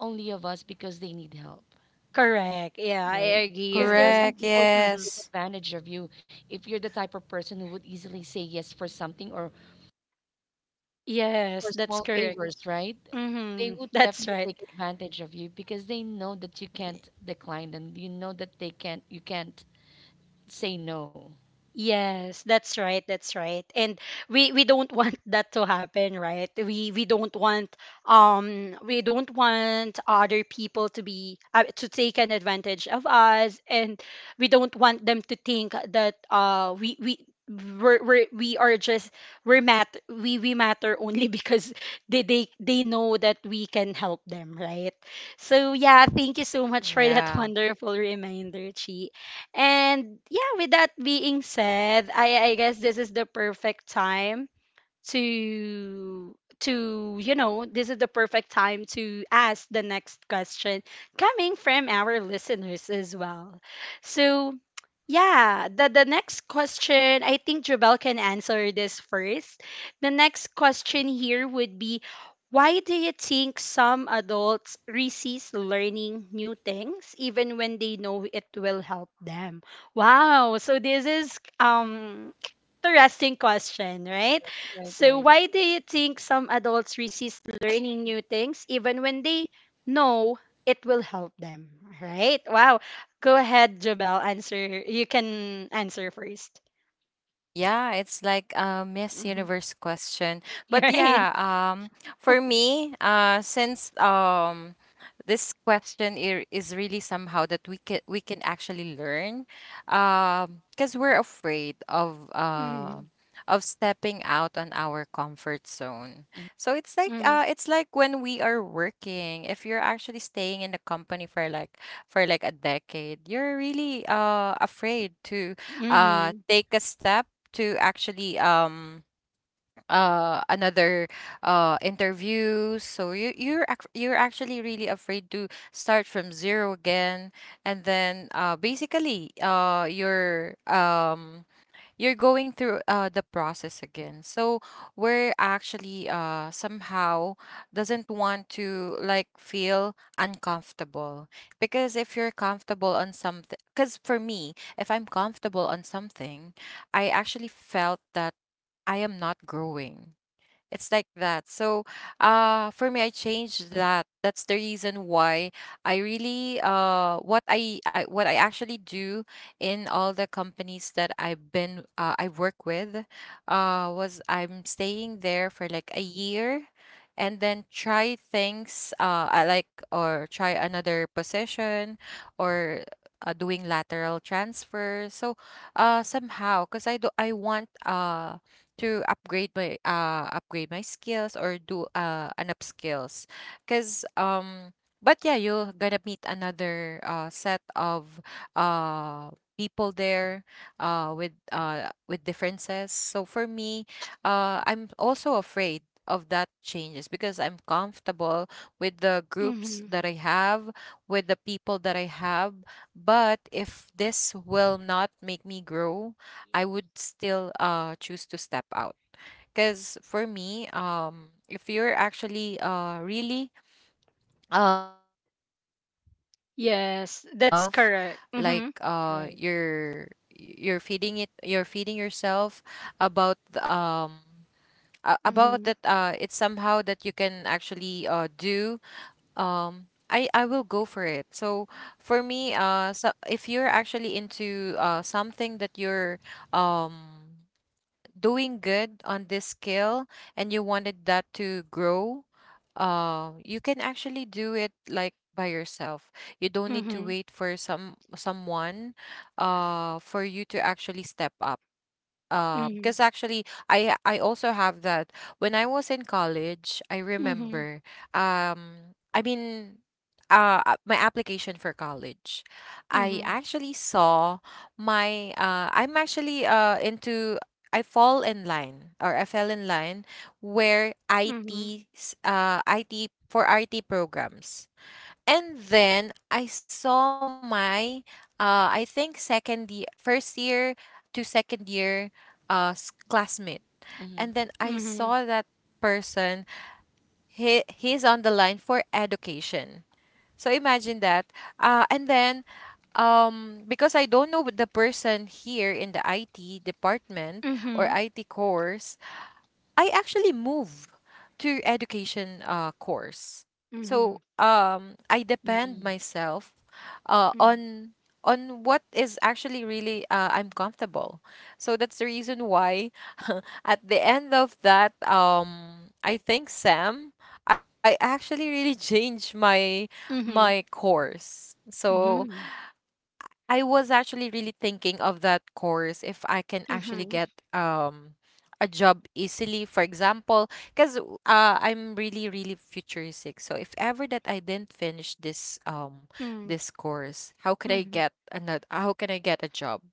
B: only of us because they need help,
A: Correct. Yeah, I
B: right?
A: agree.
B: Because there are
A: And,
B: some
C: Correct.
B: people
A: mm-hmm.
B: who take
C: Yes.
B: advantage of you if you're the type of person who would easily say yes for something, or for
A: Yes, that's
B: small
A: correct.
B: favors, right? They
A: Mm-hmm.
B: would
A: That's
B: definitely
A: right.
B: take advantage of you because they know that you
C: Y-
B: can't decline them. You know that they can't, you can't say no.
A: Yes, that's right. That's right. And we don't want that to happen, right? We don't want other people to be, to take an advantage of us, and we don't want them to think that we are just we're mat we matter only because they know that we can help them, right? So yeah, thank you so much for that
C: Yeah.
A: wonderful reminder, Chi. And yeah, with that being said, I guess this is the perfect time to you know this is the perfect time to ask the next question coming from our listeners as well. So yeah, the next question, I think Jubel can answer this first. The next question here would be, why do you think some adults resist learning new things even when they know it will help them? Wow, so this is, interesting question, right?
B: Right,
A: So,
B: right,
A: why do you think some adults resist learning new things even when they know it will help them? Right? Wow. Go ahead, Jabel. Answer. You can answer 1st.
C: Yeah, it's like a Miss
A: Mm-hmm.
C: Universe question.
A: You're
C: But
A: right.
C: yeah, for me, since this question is really somehow that we can actually learn, because we're afraid
A: Mm-hmm.
C: of stepping out on our comfort zone. So
A: Mm-hmm.
C: it's like when we are working, if you're actually staying in a company for like a decade, you're really afraid to
A: Mm-hmm.
C: take a step to actually another interview. So you're actually really afraid to start from zero again, and then basically you're going through, the process again. So we're actually, somehow doesn't want to like feel uncomfortable, because if you're comfortable on something, because for me, if I'm comfortable on something, I actually felt that I am not growing, it's like that. So, for me, I changed that. That's the reason why I really I what I actually do in all the companies that I've been I work with, was I'm staying there for like a year. And then try things, I like, or try another position, or doing lateral transfer. So, somehow, because I want to upgrade my skills or do an upskills because but yeah, you're gonna meet another set of uh people there, with differences. So for me, I'm also afraid of that changes because I'm comfortable with the groups
A: Mm-hmm.
C: that I have, with the people that I have. But if this will not make me grow, I would still choose to step out. Because for me, if you're actually really spoiling or dealing with
A: Yes, that's
C: yourself,
A: correct.
C: like
A: Mm-hmm.
B: right, right.
C: you're feeding it, you're feeding yourself about about
A: Mm-hmm.
C: that, it's somehow that you can actually do. I will go for it. So for me, so if you're actually into something that you're um doing good on this skill and you wanted that to grow, you can actually do it like by yourself. You don't need to
A: Mm-hmm.
C: wait for someone for you to actually step up,
A: Mm-hmm.
C: because actually I also have that. When I was in college, I
A: Mm-hmm.
C: remember, um I mean my application for college, I
A: Mm-hmm.
C: actually saw my I'm actually into, I fall in line or I fell in line where
A: Mm-hmm.
C: IT 's, IT for IT programs. And then I saw my, I think second year, first year to second year, classmate. And
B: Mm-hmm.
C: then I
A: Mm-hmm.
C: saw that person, he he's on the line for education. So imagine that. And then because I don't know the person here in the IT department or
A: Mm-hmm.
C: IT course, I actually moved to education course.
A: Mm-hmm. Mm-hmm.
C: So I depend
B: Mm-hmm.
C: myself uh, on on what is actually really, I'm comfortable. So that's the reason why at the end of that, I think Sam, I actually really changed my
A: Mm-hmm.
C: my course. So
A: Mm-hmm.
C: I was actually really thinking of that course if I can actually
A: Mm-hmm.
C: get a job easily, for example, because I'm really really futuristic. So if ever that I didn't finish this course, how could I
A: Mm-hmm.
C: get another? How can I get a job?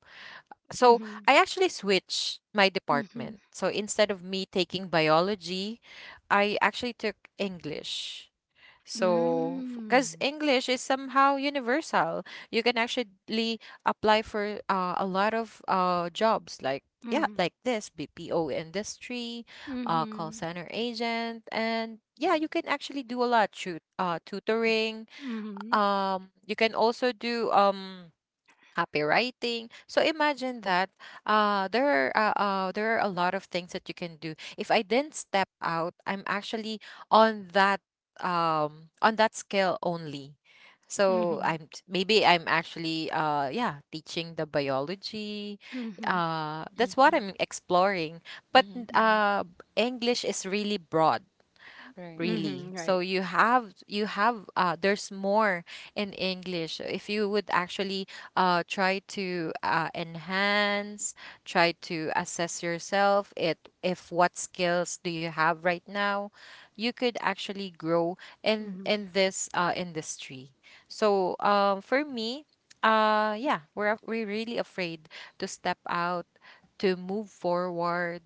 C: So
A: Mm-hmm.
C: I actually switched my
A: Mhm.
C: department. So instead of me taking biology, I actually took English. So, because
A: Mm.
C: English is somehow universal, you can actually apply for a lot of jobs like, yeah,
A: Mhm.
C: like this BPO industry, call
A: Mhm.
C: center agent, and yeah, you can actually do a lot. Shoot, tutoring.
A: Mhm.
C: You can also do copywriting. So imagine that, uh, there there are a lot of things that you can do. If I didn't step out, I'm actually on that on that scale only. So
A: Mhm.
C: maybe I'm actually yeah teaching the biology,
A: Mhm.
C: that's what
B: Mm-hmm.
C: I'm exploring. But
B: Mm-hmm. Mm-hmm.
C: English is really broad
B: Right.
C: really,
A: Mhm.
C: so
A: Right.
C: you have you have there's more in English. If you would actually try to enhance, try to assess yourself, it if what skills do you have right now, you could actually grow
A: Mhm.
C: in this industry. So for me, yeah, we're really afraid to step out, to move forward,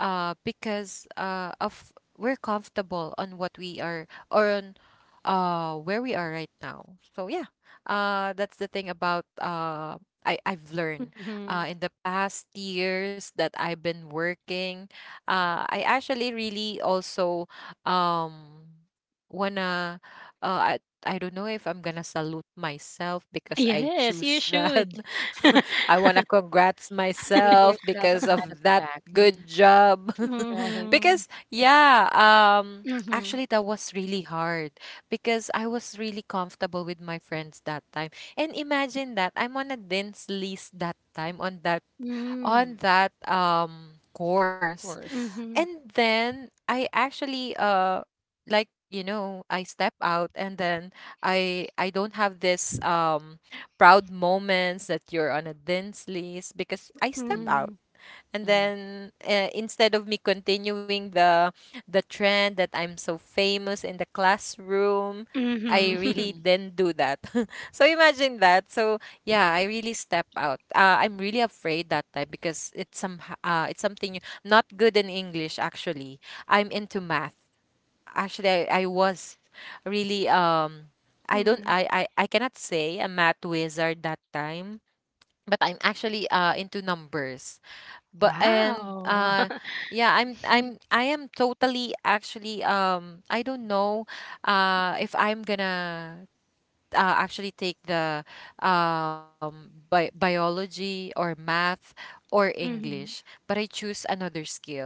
C: because of we're comfortable on what we are or on where we are right now. So yeah, that's the thing about uh, I've learned,
A: Mhm.
C: in the past years that I've been working. I actually really also, um, wanna uh, I, I don't know if I'm gonna salute myself because I
A: Yes, you
C: choose that.
A: should.
C: I wanna congrats
B: Give
C: myself
B: yourself a
C: because
B: pat at the
C: of that.
B: back. Mm-hmm.
C: Good job.
B: Right.
A: Mhm.
C: Because yeah,
A: Mhm.
C: actually that was really hard because I was really comfortable with my friends that time. And imagine that I'm on a dance list that time on that, on
A: Mm.
C: that
B: Of
C: course.
B: course.
A: Mhm.
C: And then I actually I step out, and then I don't have this proud moments that you're on a dance list because I step
B: Mm-hmm.
C: out.
A: Mhm.
C: And
B: Mm-hmm.
C: then instead of me continuing the trend that I'm so famous in the classroom,
A: Mhm.
C: I
B: Mm-hmm.
A: Mhm.
C: really
B: Mm-hmm.
C: didn't do that. So imagine that. So yeah, I really step out. I'm really afraid that time because it's some it's something not good in English, actually. I'm into math. Actually, I was really I don't I cannot say a math wizard that time, but I'm actually into numbers. But and
A: Wow.
C: Yeah, I am totally actually, I don't know if I'm gonna, actually take the biology or math or English,
A: Mhm.
C: but I choose another skill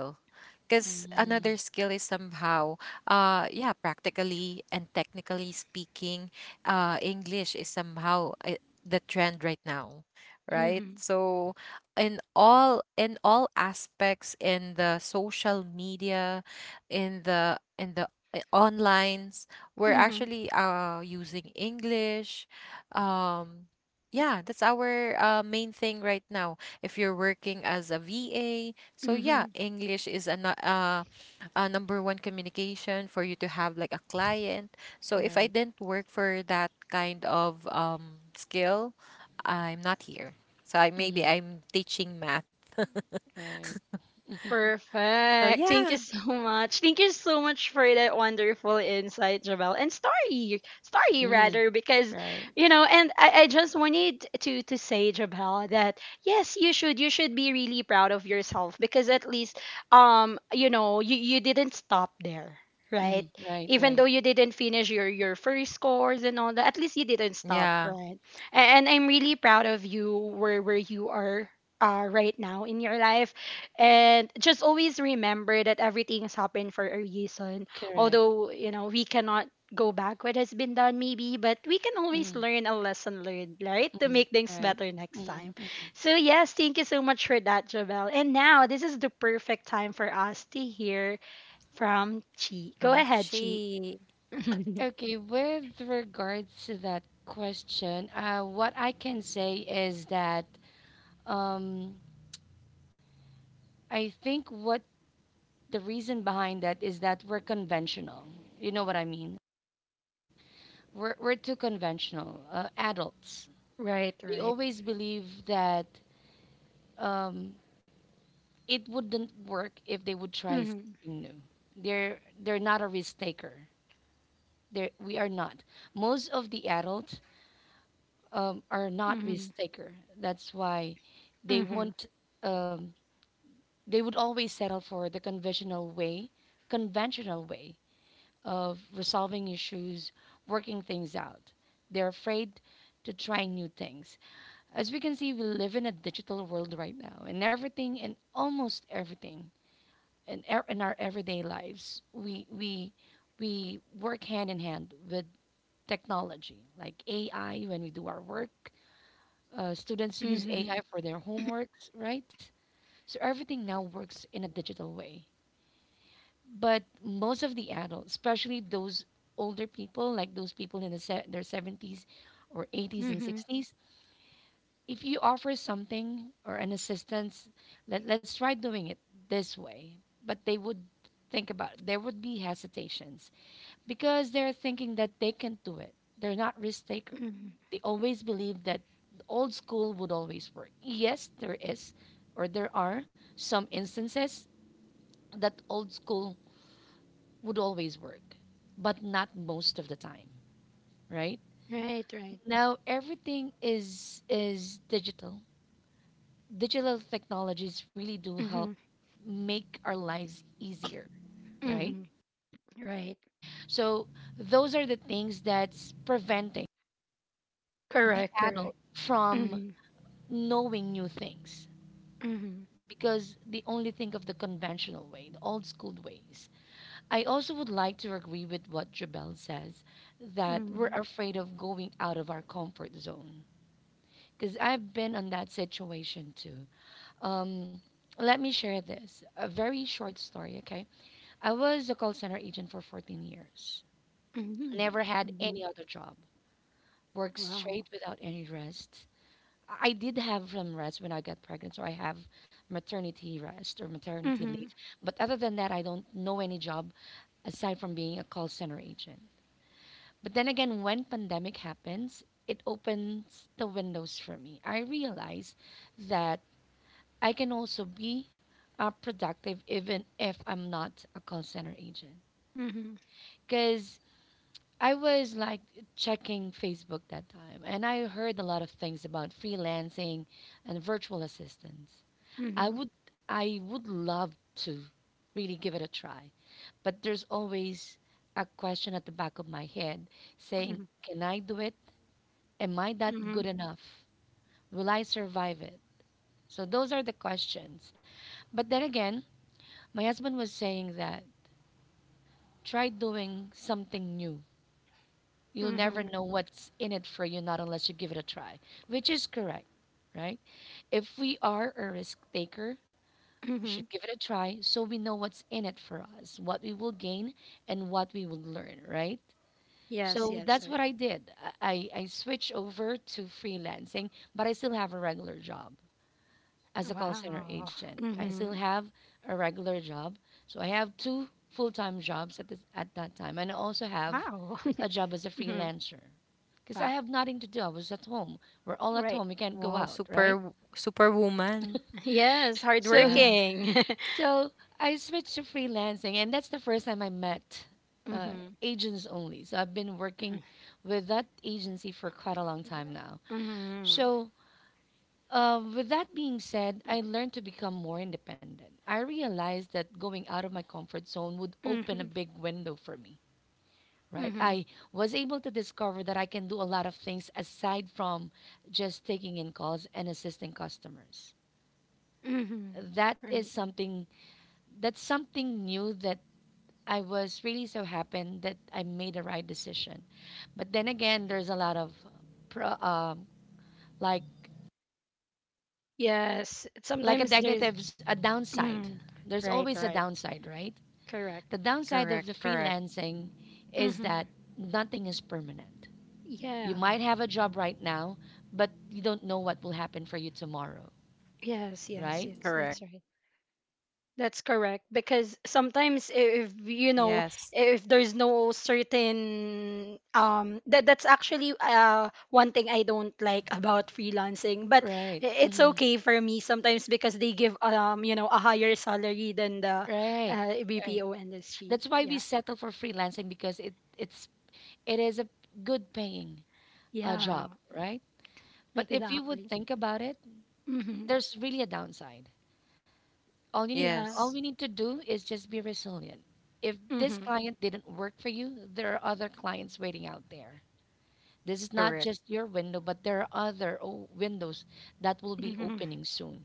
C: because another
B: Mm-hmm.
C: skill is somehow, yeah, practically and technically speaking, English is somehow, the trend right now, right?
A: Mhm.
C: So in all, in all aspects, in the social media, in the onlines, we're
A: Mhm.
C: actually using English. um yeah, that's our main thing right now if you're working as a va. So yeah,
A: Mhm.
C: English is a, a number one communication for you to have like a client. So if I
B: Right.
C: didn't work for that kind of skill, I'm not here. So I, maybe
B: Mm-hmm.
C: I'm teaching math.
B: Right.
C: So
A: Perfect. Thank
C: yeah,
A: you so much. Thank you so much for that wonderful insight, Javel. And story, story
B: Mm-hmm.
A: rather, because
B: Right.
A: you know, and I just wanted to say, Javel, that yes, you should be really proud of yourself because at least, you know, you didn't stop there. Right,
B: Mm-hmm. Right.
A: even though
B: Right.
A: you didn't finish your first course and all that, at least you didn't stop,
C: yeah,
A: right? And I'm really proud of you where you are, right now in your life, and just always remember that everything is happening for a reason.
B: Correct.
A: Although, you know, we cannot go back what has been done, maybe, but we can always
B: Mm-hmm.
A: learn a lesson learned, right? To
B: Mm-hmm.
A: make things
B: Right.
A: better next time.
B: Mm-hmm.
A: So, yes, thank you so much for that, Javel. And now, this is the perfect time for us to hear from Chi. Go ahead, Chi.
C: Kamchi.
B: Okay, with regards to that question, what I can say is that um, I think what the reason behind that is that we're conventional. You know what I mean? We're too conventional, adults.
A: Right,
B: They
A: right.
B: always believe that um, it wouldn't work if they would try
A: Mm-hmm,
B: something new. They're not a risk taker. We are not. Most of the adults are not
A: mm-hmm,
B: risk taker. That's why they
A: mm-hmm,
B: won't. Um, they would always settle for the conventional way of resolving issues, working things out. They're afraid to try new things. As we can see, we live in a digital world right now, and everything and almost everything in our everyday lives, we we work hand in hand with technology, like AI when we do our work. Students use
A: mm-hmm,
B: AI for their homeworks, right? So everything now works in a digital way. But most of the adults, especially those older people, like those people in their 70s or 80s and
A: mm-hmm,
B: 60s, if you offer something or an assistance, let's try doing it this way. But they would think about there would be hesitations because they're thinking that they can do it. They're not risk taker.
A: mm-hmm.
B: They always believe that the old school would always work. Yes, there is or there are some instances that old school would always work, but not most of the time, right?
A: Right, right.
B: Now everything is digital digital technologies really do help
A: Mm-hmm,
B: make our lives easier, right?
A: mm-hmm. Right.
B: So those are the things that's preventing the
A: Correct,
B: adult
A: correct.
B: from
A: Mm-hmm.
B: knowing new things
A: Mhm.
B: because they only think of the conventional way, the old school ways. I also would like to agree with what Jabel says that we're
A: Mhm.
B: afraid of going out of our comfort zone because I've been on that situation too. Um, Let me share this a very short story, okay? I was a call center agent for 14 years.
A: Mhm.
B: Never had
A: Mhm.
B: any other job. Worked
A: Wow.
B: straight without any rest. I did have some rest when I got pregnant, so I have maternity rest or maternity leave.
A: Mhm.
B: But other than that, I don't know any job aside from being a call center agent. But then again, when pandemic happens, it opens the windows for me. I realize that I can also be productive even if I'm not a call center agent
A: Mhm.
B: because I was like checking Facebook that time, and I heard a lot of things about freelancing and virtual assistants. I
A: Mhm.
B: would I would love to really give it a try, but there's always a question at the back of my head saying,
A: Mhm.
B: "Can I do it? Am I that good
A: Mhm.
B: enough? Will I survive it?" So those are the questions. But then again, my husband was saying that try doing something new. You'll never
A: Mhm.
B: know what's in it for you, not unless you give it a try, which is correct, right? If we are a risk taker, we should
A: Mhm.
B: give it a try so we know what's in it for us, what we will gain, and what we will learn, right?
A: Yes,
B: So
A: yes,
B: that's
A: right.
B: what I did. I switched over to freelancing, but I still have a regular job as a call center
A: Wow.
B: agent. I still
A: Mhm.
B: have a regular job. So I have two full-time jobs at that time and I also have
A: Wow.
B: a job as a
A: Mhm.
B: freelancer because I
A: Wow.
B: have nothing to do. I was at home. We're all at
A: Right.
B: home. We can't
C: Wow,
B: go out,
C: super
B: right?
C: superwoman.
A: Yes,
C: Yeah,
B: So
A: hardworking.
B: so I switched to freelancing and that's the first time I met uh,
A: Mhm.
B: agents only. So I've been working
A: Mhm.
B: with that agency for quite a long time now.
A: Mhm.
B: So with that being said, I learned to become more independent. I realized that going out of my comfort zone would open a
A: Mhm.
B: big window for me, right?
A: Mhm.
B: I was able to discover that I can do a lot of things aside from just taking in calls and assisting customers.
A: Mhm.
B: That is
A: Right. Right.
B: something that's something new that I was really so happy that I made a right decision. But then again, there's a lot of pro, um like
A: Yes,
B: a
A: sometimes there's.
B: negatives, a downside.
A: Mm.
B: There's
A: Right,
B: always a
A: right.
B: downside, right? The
A: Correct.
B: downside
C: correct,
B: of the
C: correct,
B: freelancing is
A: Mhm.
B: that nothing is permanent. You
A: Yeah.
B: might have a job right now, but you don't know what will happen for you tomorrow,
A: Yes, yes,
B: right?
A: yes.
C: correct.
A: That's right. That's correct. Because sometimes if you know,
C: Yes,
A: if there's no certain, that's
C: uh,
A: actually, one thing I don't like about freelancing. But
B: Right.
A: it's okay for me sometimes because they give, you know, a higher salary than the,
B: Right. Right.
A: BPO industry.
B: That's why we
A: Yeah.
B: settle for freelancing because it is a good paying
A: Yeah.
B: job, right? But if you would
A: Exactly.
B: think about it,
A: Mm-hmm.
B: there's really a downside.
A: Yeah.
B: All
C: yes,
B: we need to do is just be resilient. If this
A: Mm-hmm.
B: client didn't work for you, there are other clients waiting out there. This is not
C: correct,
B: just your window, but there are windows that will be
A: Mm-hmm.
B: opening soon.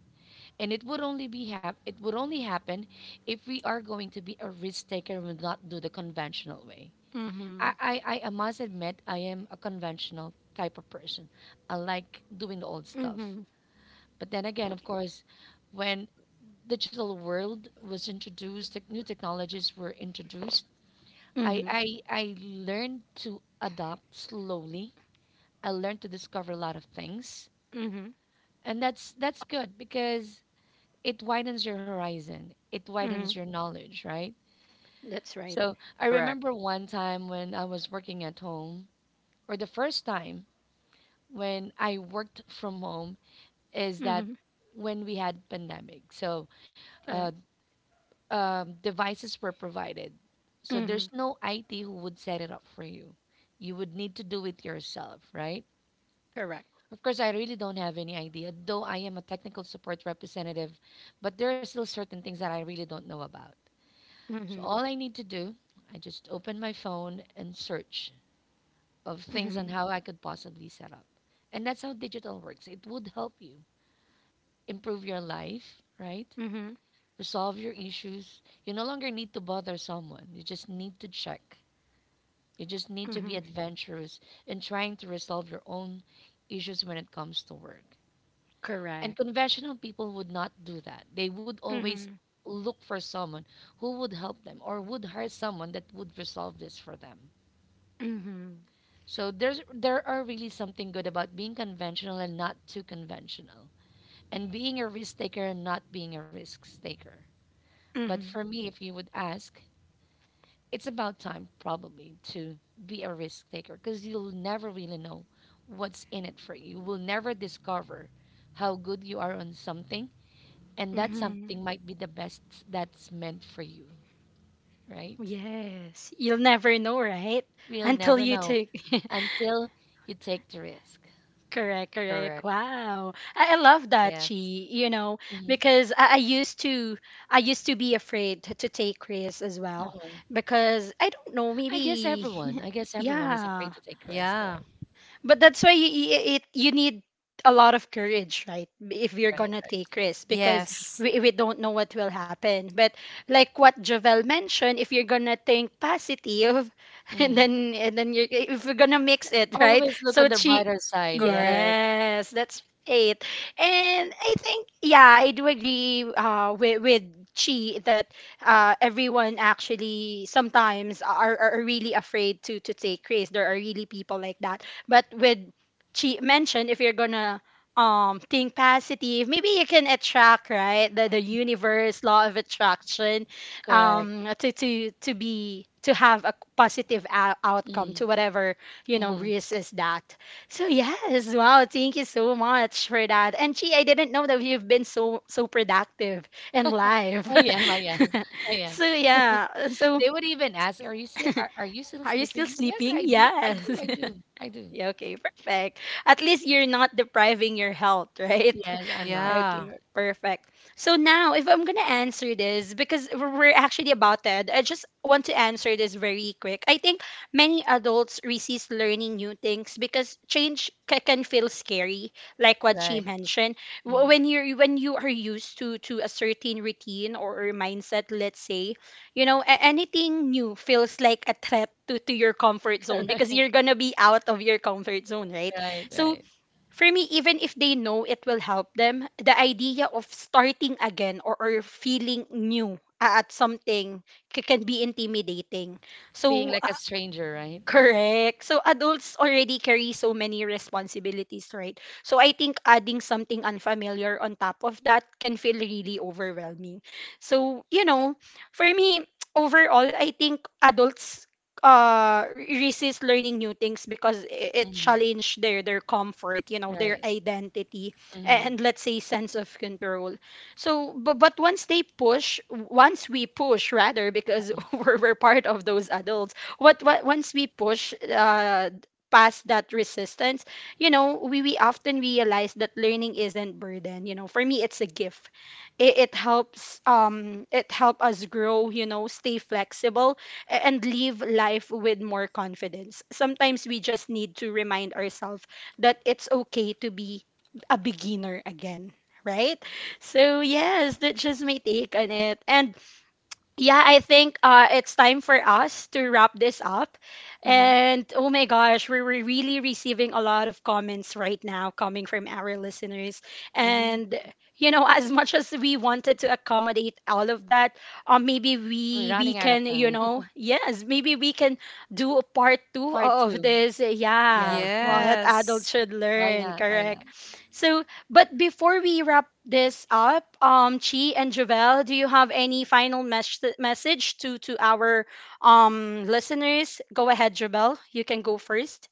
B: And it would only be it would only happen if we are going to be a risk taker and will not do the conventional way.
A: Mm-hmm.
B: I must admit I am a conventional type of person. I like doing the old stuff.
A: Mm-hmm.
B: But then again, of course, when digital world was introduced, new technologies were introduced, I,
A: Mm-hmm.
B: I I learned to adopt slowly. I learned to discover a lot of things,
A: Mm-hmm.
B: and that's good because it widens your horizon, it widens
A: Mm-hmm.
B: your knowledge, right?
A: That's right.
B: So I
C: correct,
B: remember one time when I was working at home, or the first time when I worked from home is that
A: Mm-hmm.
B: when we had pandemic, so uh,
A: Correct.
B: devices were provided. So
A: Mm-hmm.
B: there's no IT who would set it up for you. You would need to do it yourself, right?
A: Correct.
B: Of course, I really don't have any idea, though I am a technical support representative, but there are still certain things that I really don't know about. So
A: Mm-hmm.
B: all I need to do, I just open my phone and search of things on
A: Mm-hmm.
B: how I could possibly set up. And that's how digital works. It would help you improve your life, right?
A: Mm-hmm.
B: Resolve your issues. You no longer need to bother someone. You just need to check. You just need to be
A: Mm-hmm.
B: adventurous in trying to resolve your own issues when it comes to work. And
A: Correct.
B: conventional people would not do that. They would always
A: Mm-hmm.
B: look for someone who would help them or would hire someone that would resolve this for them.
A: Mm-hmm.
B: So there are really something good about being conventional and not too conventional. And being a risk taker and not being a risk taker. But
A: Mm-hmm.
B: for me, if you would ask, it's about time probably to be a risk taker because you'll never really know what's in it for you. You will never discover how good you are on something and that something
A: Mm-hmm.
B: might be the best that's meant for you, right?
A: Yes. You'll never know, right?
B: We'll
A: Until
B: never
A: you
B: know
A: take.
B: until you take the risk.
A: Correct. Correct.
C: correct.
A: Wow. I love that, Chi.
C: Yes,
A: You know,
B: Mhm.
A: because I used to be afraid to take risks as well,
B: Mhm.
A: because I don't know, maybe,
B: I guess everyone is afraid
A: yeah.
B: to take risk, right?
C: yeah,
A: But that's why you, you- it you need a lot of courage, right? If you're
B: Right.
A: gonna take risks, because
C: yes,
A: we don't know what will happen. But like what Javel mentioned, if you're gonna think positive,
B: Mhm.
A: and then you if you're gonna mix it, right?
B: Always look
A: So
B: on the
A: she,
B: brighter side, right?
C: correct.
A: yes, that's right. And I think yeah, I do agree, with Chi that, everyone actually sometimes are really afraid to take risks. There are really people like that, but with Chi mentioned, if you're gonna, think positive, maybe you can attract, right? The universe, law of attraction,
B: Correct.
A: to have a positive outcome
B: Mhm.
A: to whatever
B: Mhm.
A: risk is that. So yes, wow, thank you so much for that. And Chi, I didn't know that you've been so productive in life.
B: I am. I am. I am.
A: So yeah, so
B: They would even ask, "Are you still? Are you still
A: are you still
B: sleeping?" Yes,
A: sleeping?
B: I do. I
A: Yes.
B: do. I do. I do.
A: Yeah, okay, perfect. At least you're not depriving your health, right?
B: Yes, I'm not. I'm
C: Yeah.
B: not.
A: Okay, perfect. So now, if I'm gonna answer this, because we're actually about that, I just want to answer this very quick. I think many adults resist learning new things because change can feel scary, like what she
B: Right.
A: mentioned. Wh-
B: Mm.
A: When you're when you are used to a certain routine or mindset, let's say, you know, anything new feels like a threat to your comfort zone, because
B: Right.
A: you're gonna be out of your comfort zone, right?
B: Right.
A: So
B: Right.
A: for me, even if they know it will help them, the idea of starting again, or, feeling new at something can be intimidating.
B: Being
A: So.
B: like a stranger, right?
A: Correct. So adults already carry so many responsibilities, right? So I think adding something unfamiliar on top of that can feel really overwhelming. So, you know, for me, overall, I think adults resist learning new things because it
B: Mhm.
A: challenged their comfort, you know, their
B: Right.
A: identity,
B: Mhm.
A: and let's say sense of control. So but once they push, once we push rather, because we're part of those adults. What once we push, past that resistance, you know, we often realize that learning isn't burden. You know, for me, it's a gift. It helps, it help us grow. You know, stay flexible and live life with more confidence. Sometimes we just need to remind ourselves that it's okay to be a beginner again. Right? So, yes, that's just my take on it. And yeah, I think, it's time for us to wrap this up.
B: Mhm.
A: And oh my gosh, we were really receiving a lot of comments right now coming from our listeners.
B: Mhm.
A: And you know, as much as we wanted to accommodate all of that, maybe
B: We're
A: we
B: running out of
A: can, you
B: time.
A: know, yes, maybe we can do a part two
B: Part
A: of
B: two.
A: this. Yeah,
B: Yes. Yes.
A: what
C: Yes.
A: adults should
B: Why
A: learn,
B: not? Why
A: correct?
B: not?
A: So but before we wrap this up, Chi and Javel, do you have any final message to our, listeners? Go ahead, Javel. You can go 1st.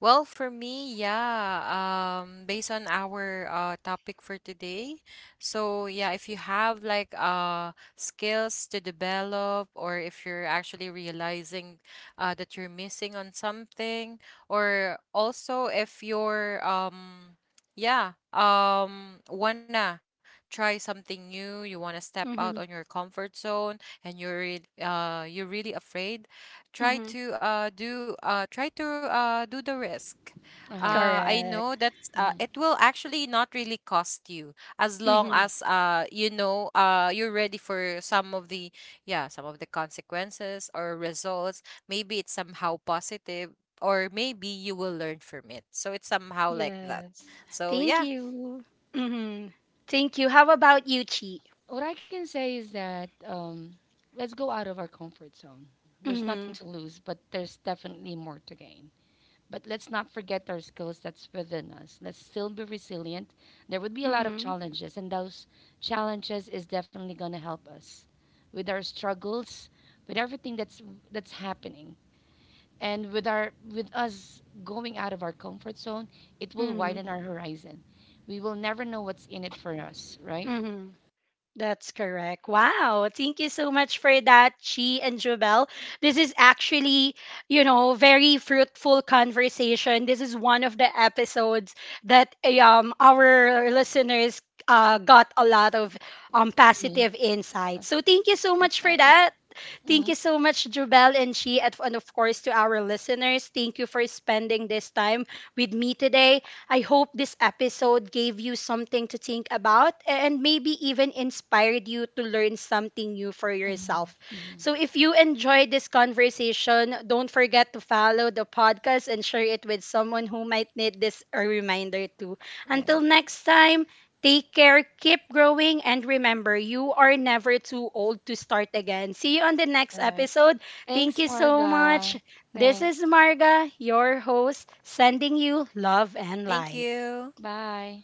C: Well, for me, yeah, based on our topic for today. So, yeah, if you have like skills to develop, or if you're actually realizing that you're missing on something, or also if you're yeah, wanna try something new, you wanna step out on
A: Mm-hmm.
C: your comfort zone, and you're really afraid, try
A: Mm-hmm.
C: to do try to do the risk.
B: Uh huh.
C: I know
A: Correct.
C: that it
B: Mm.
C: will actually not really cost you, as long
A: Mm-hmm.
C: as you know, you're ready for some of the, yeah, some of the consequences or results. Maybe it's somehow positive, or maybe you will learn from it, so it's somehow like that.
A: Yes.
C: So
A: Thank
C: yeah,
A: you. Mm-hmm. Thank you. How about you, Chi?
B: What I can say is that let's go out of our comfort zone. There's nothing
A: Mm-hmm.
B: to lose, but there's definitely more to gain. But let's not forget our skills that's within us. Let's still be resilient. There would be a lot of challenges, and those challenges is definitely gonna help us with our struggles, with everything that's happening and with our with us going out of our comfort zone, it will
A: Mm-hmm.
B: widen our horizon. We will never know what's in it for us, right?
A: Mm-hmm. That's correct. Wow. Thank you so much for that, Chi and Jubel. This is actually, you know, very fruitful conversation. This is one of the episodes that, our listeners, got a lot of,
B: Mhm.
A: positive insights. So thank you so
B: That's
A: much for
B: nice.
A: that.
B: Mm-hmm,
A: Thank you so much, Jubel and Chi, and of course to our listeners. Thank you for spending this time with me today. I hope this episode gave you something to think about, and maybe even inspired you to learn something new for
B: mm-hmm,
A: yourself.
B: mm-hmm.
A: So if you enjoyed this conversation, don't forget to follow the podcast and share it with someone who might need this a reminder too. Until
B: Right.
A: next time, take care, keep growing, and remember, you are never too old to start again. See you on the next
B: All right.
A: episode. Thank
B: Thanks,
A: you so much.
B: Marga.
A: This
B: Thanks.
A: is Marga, your host, sending you love and
C: thank
A: light.
C: you.
B: Bye.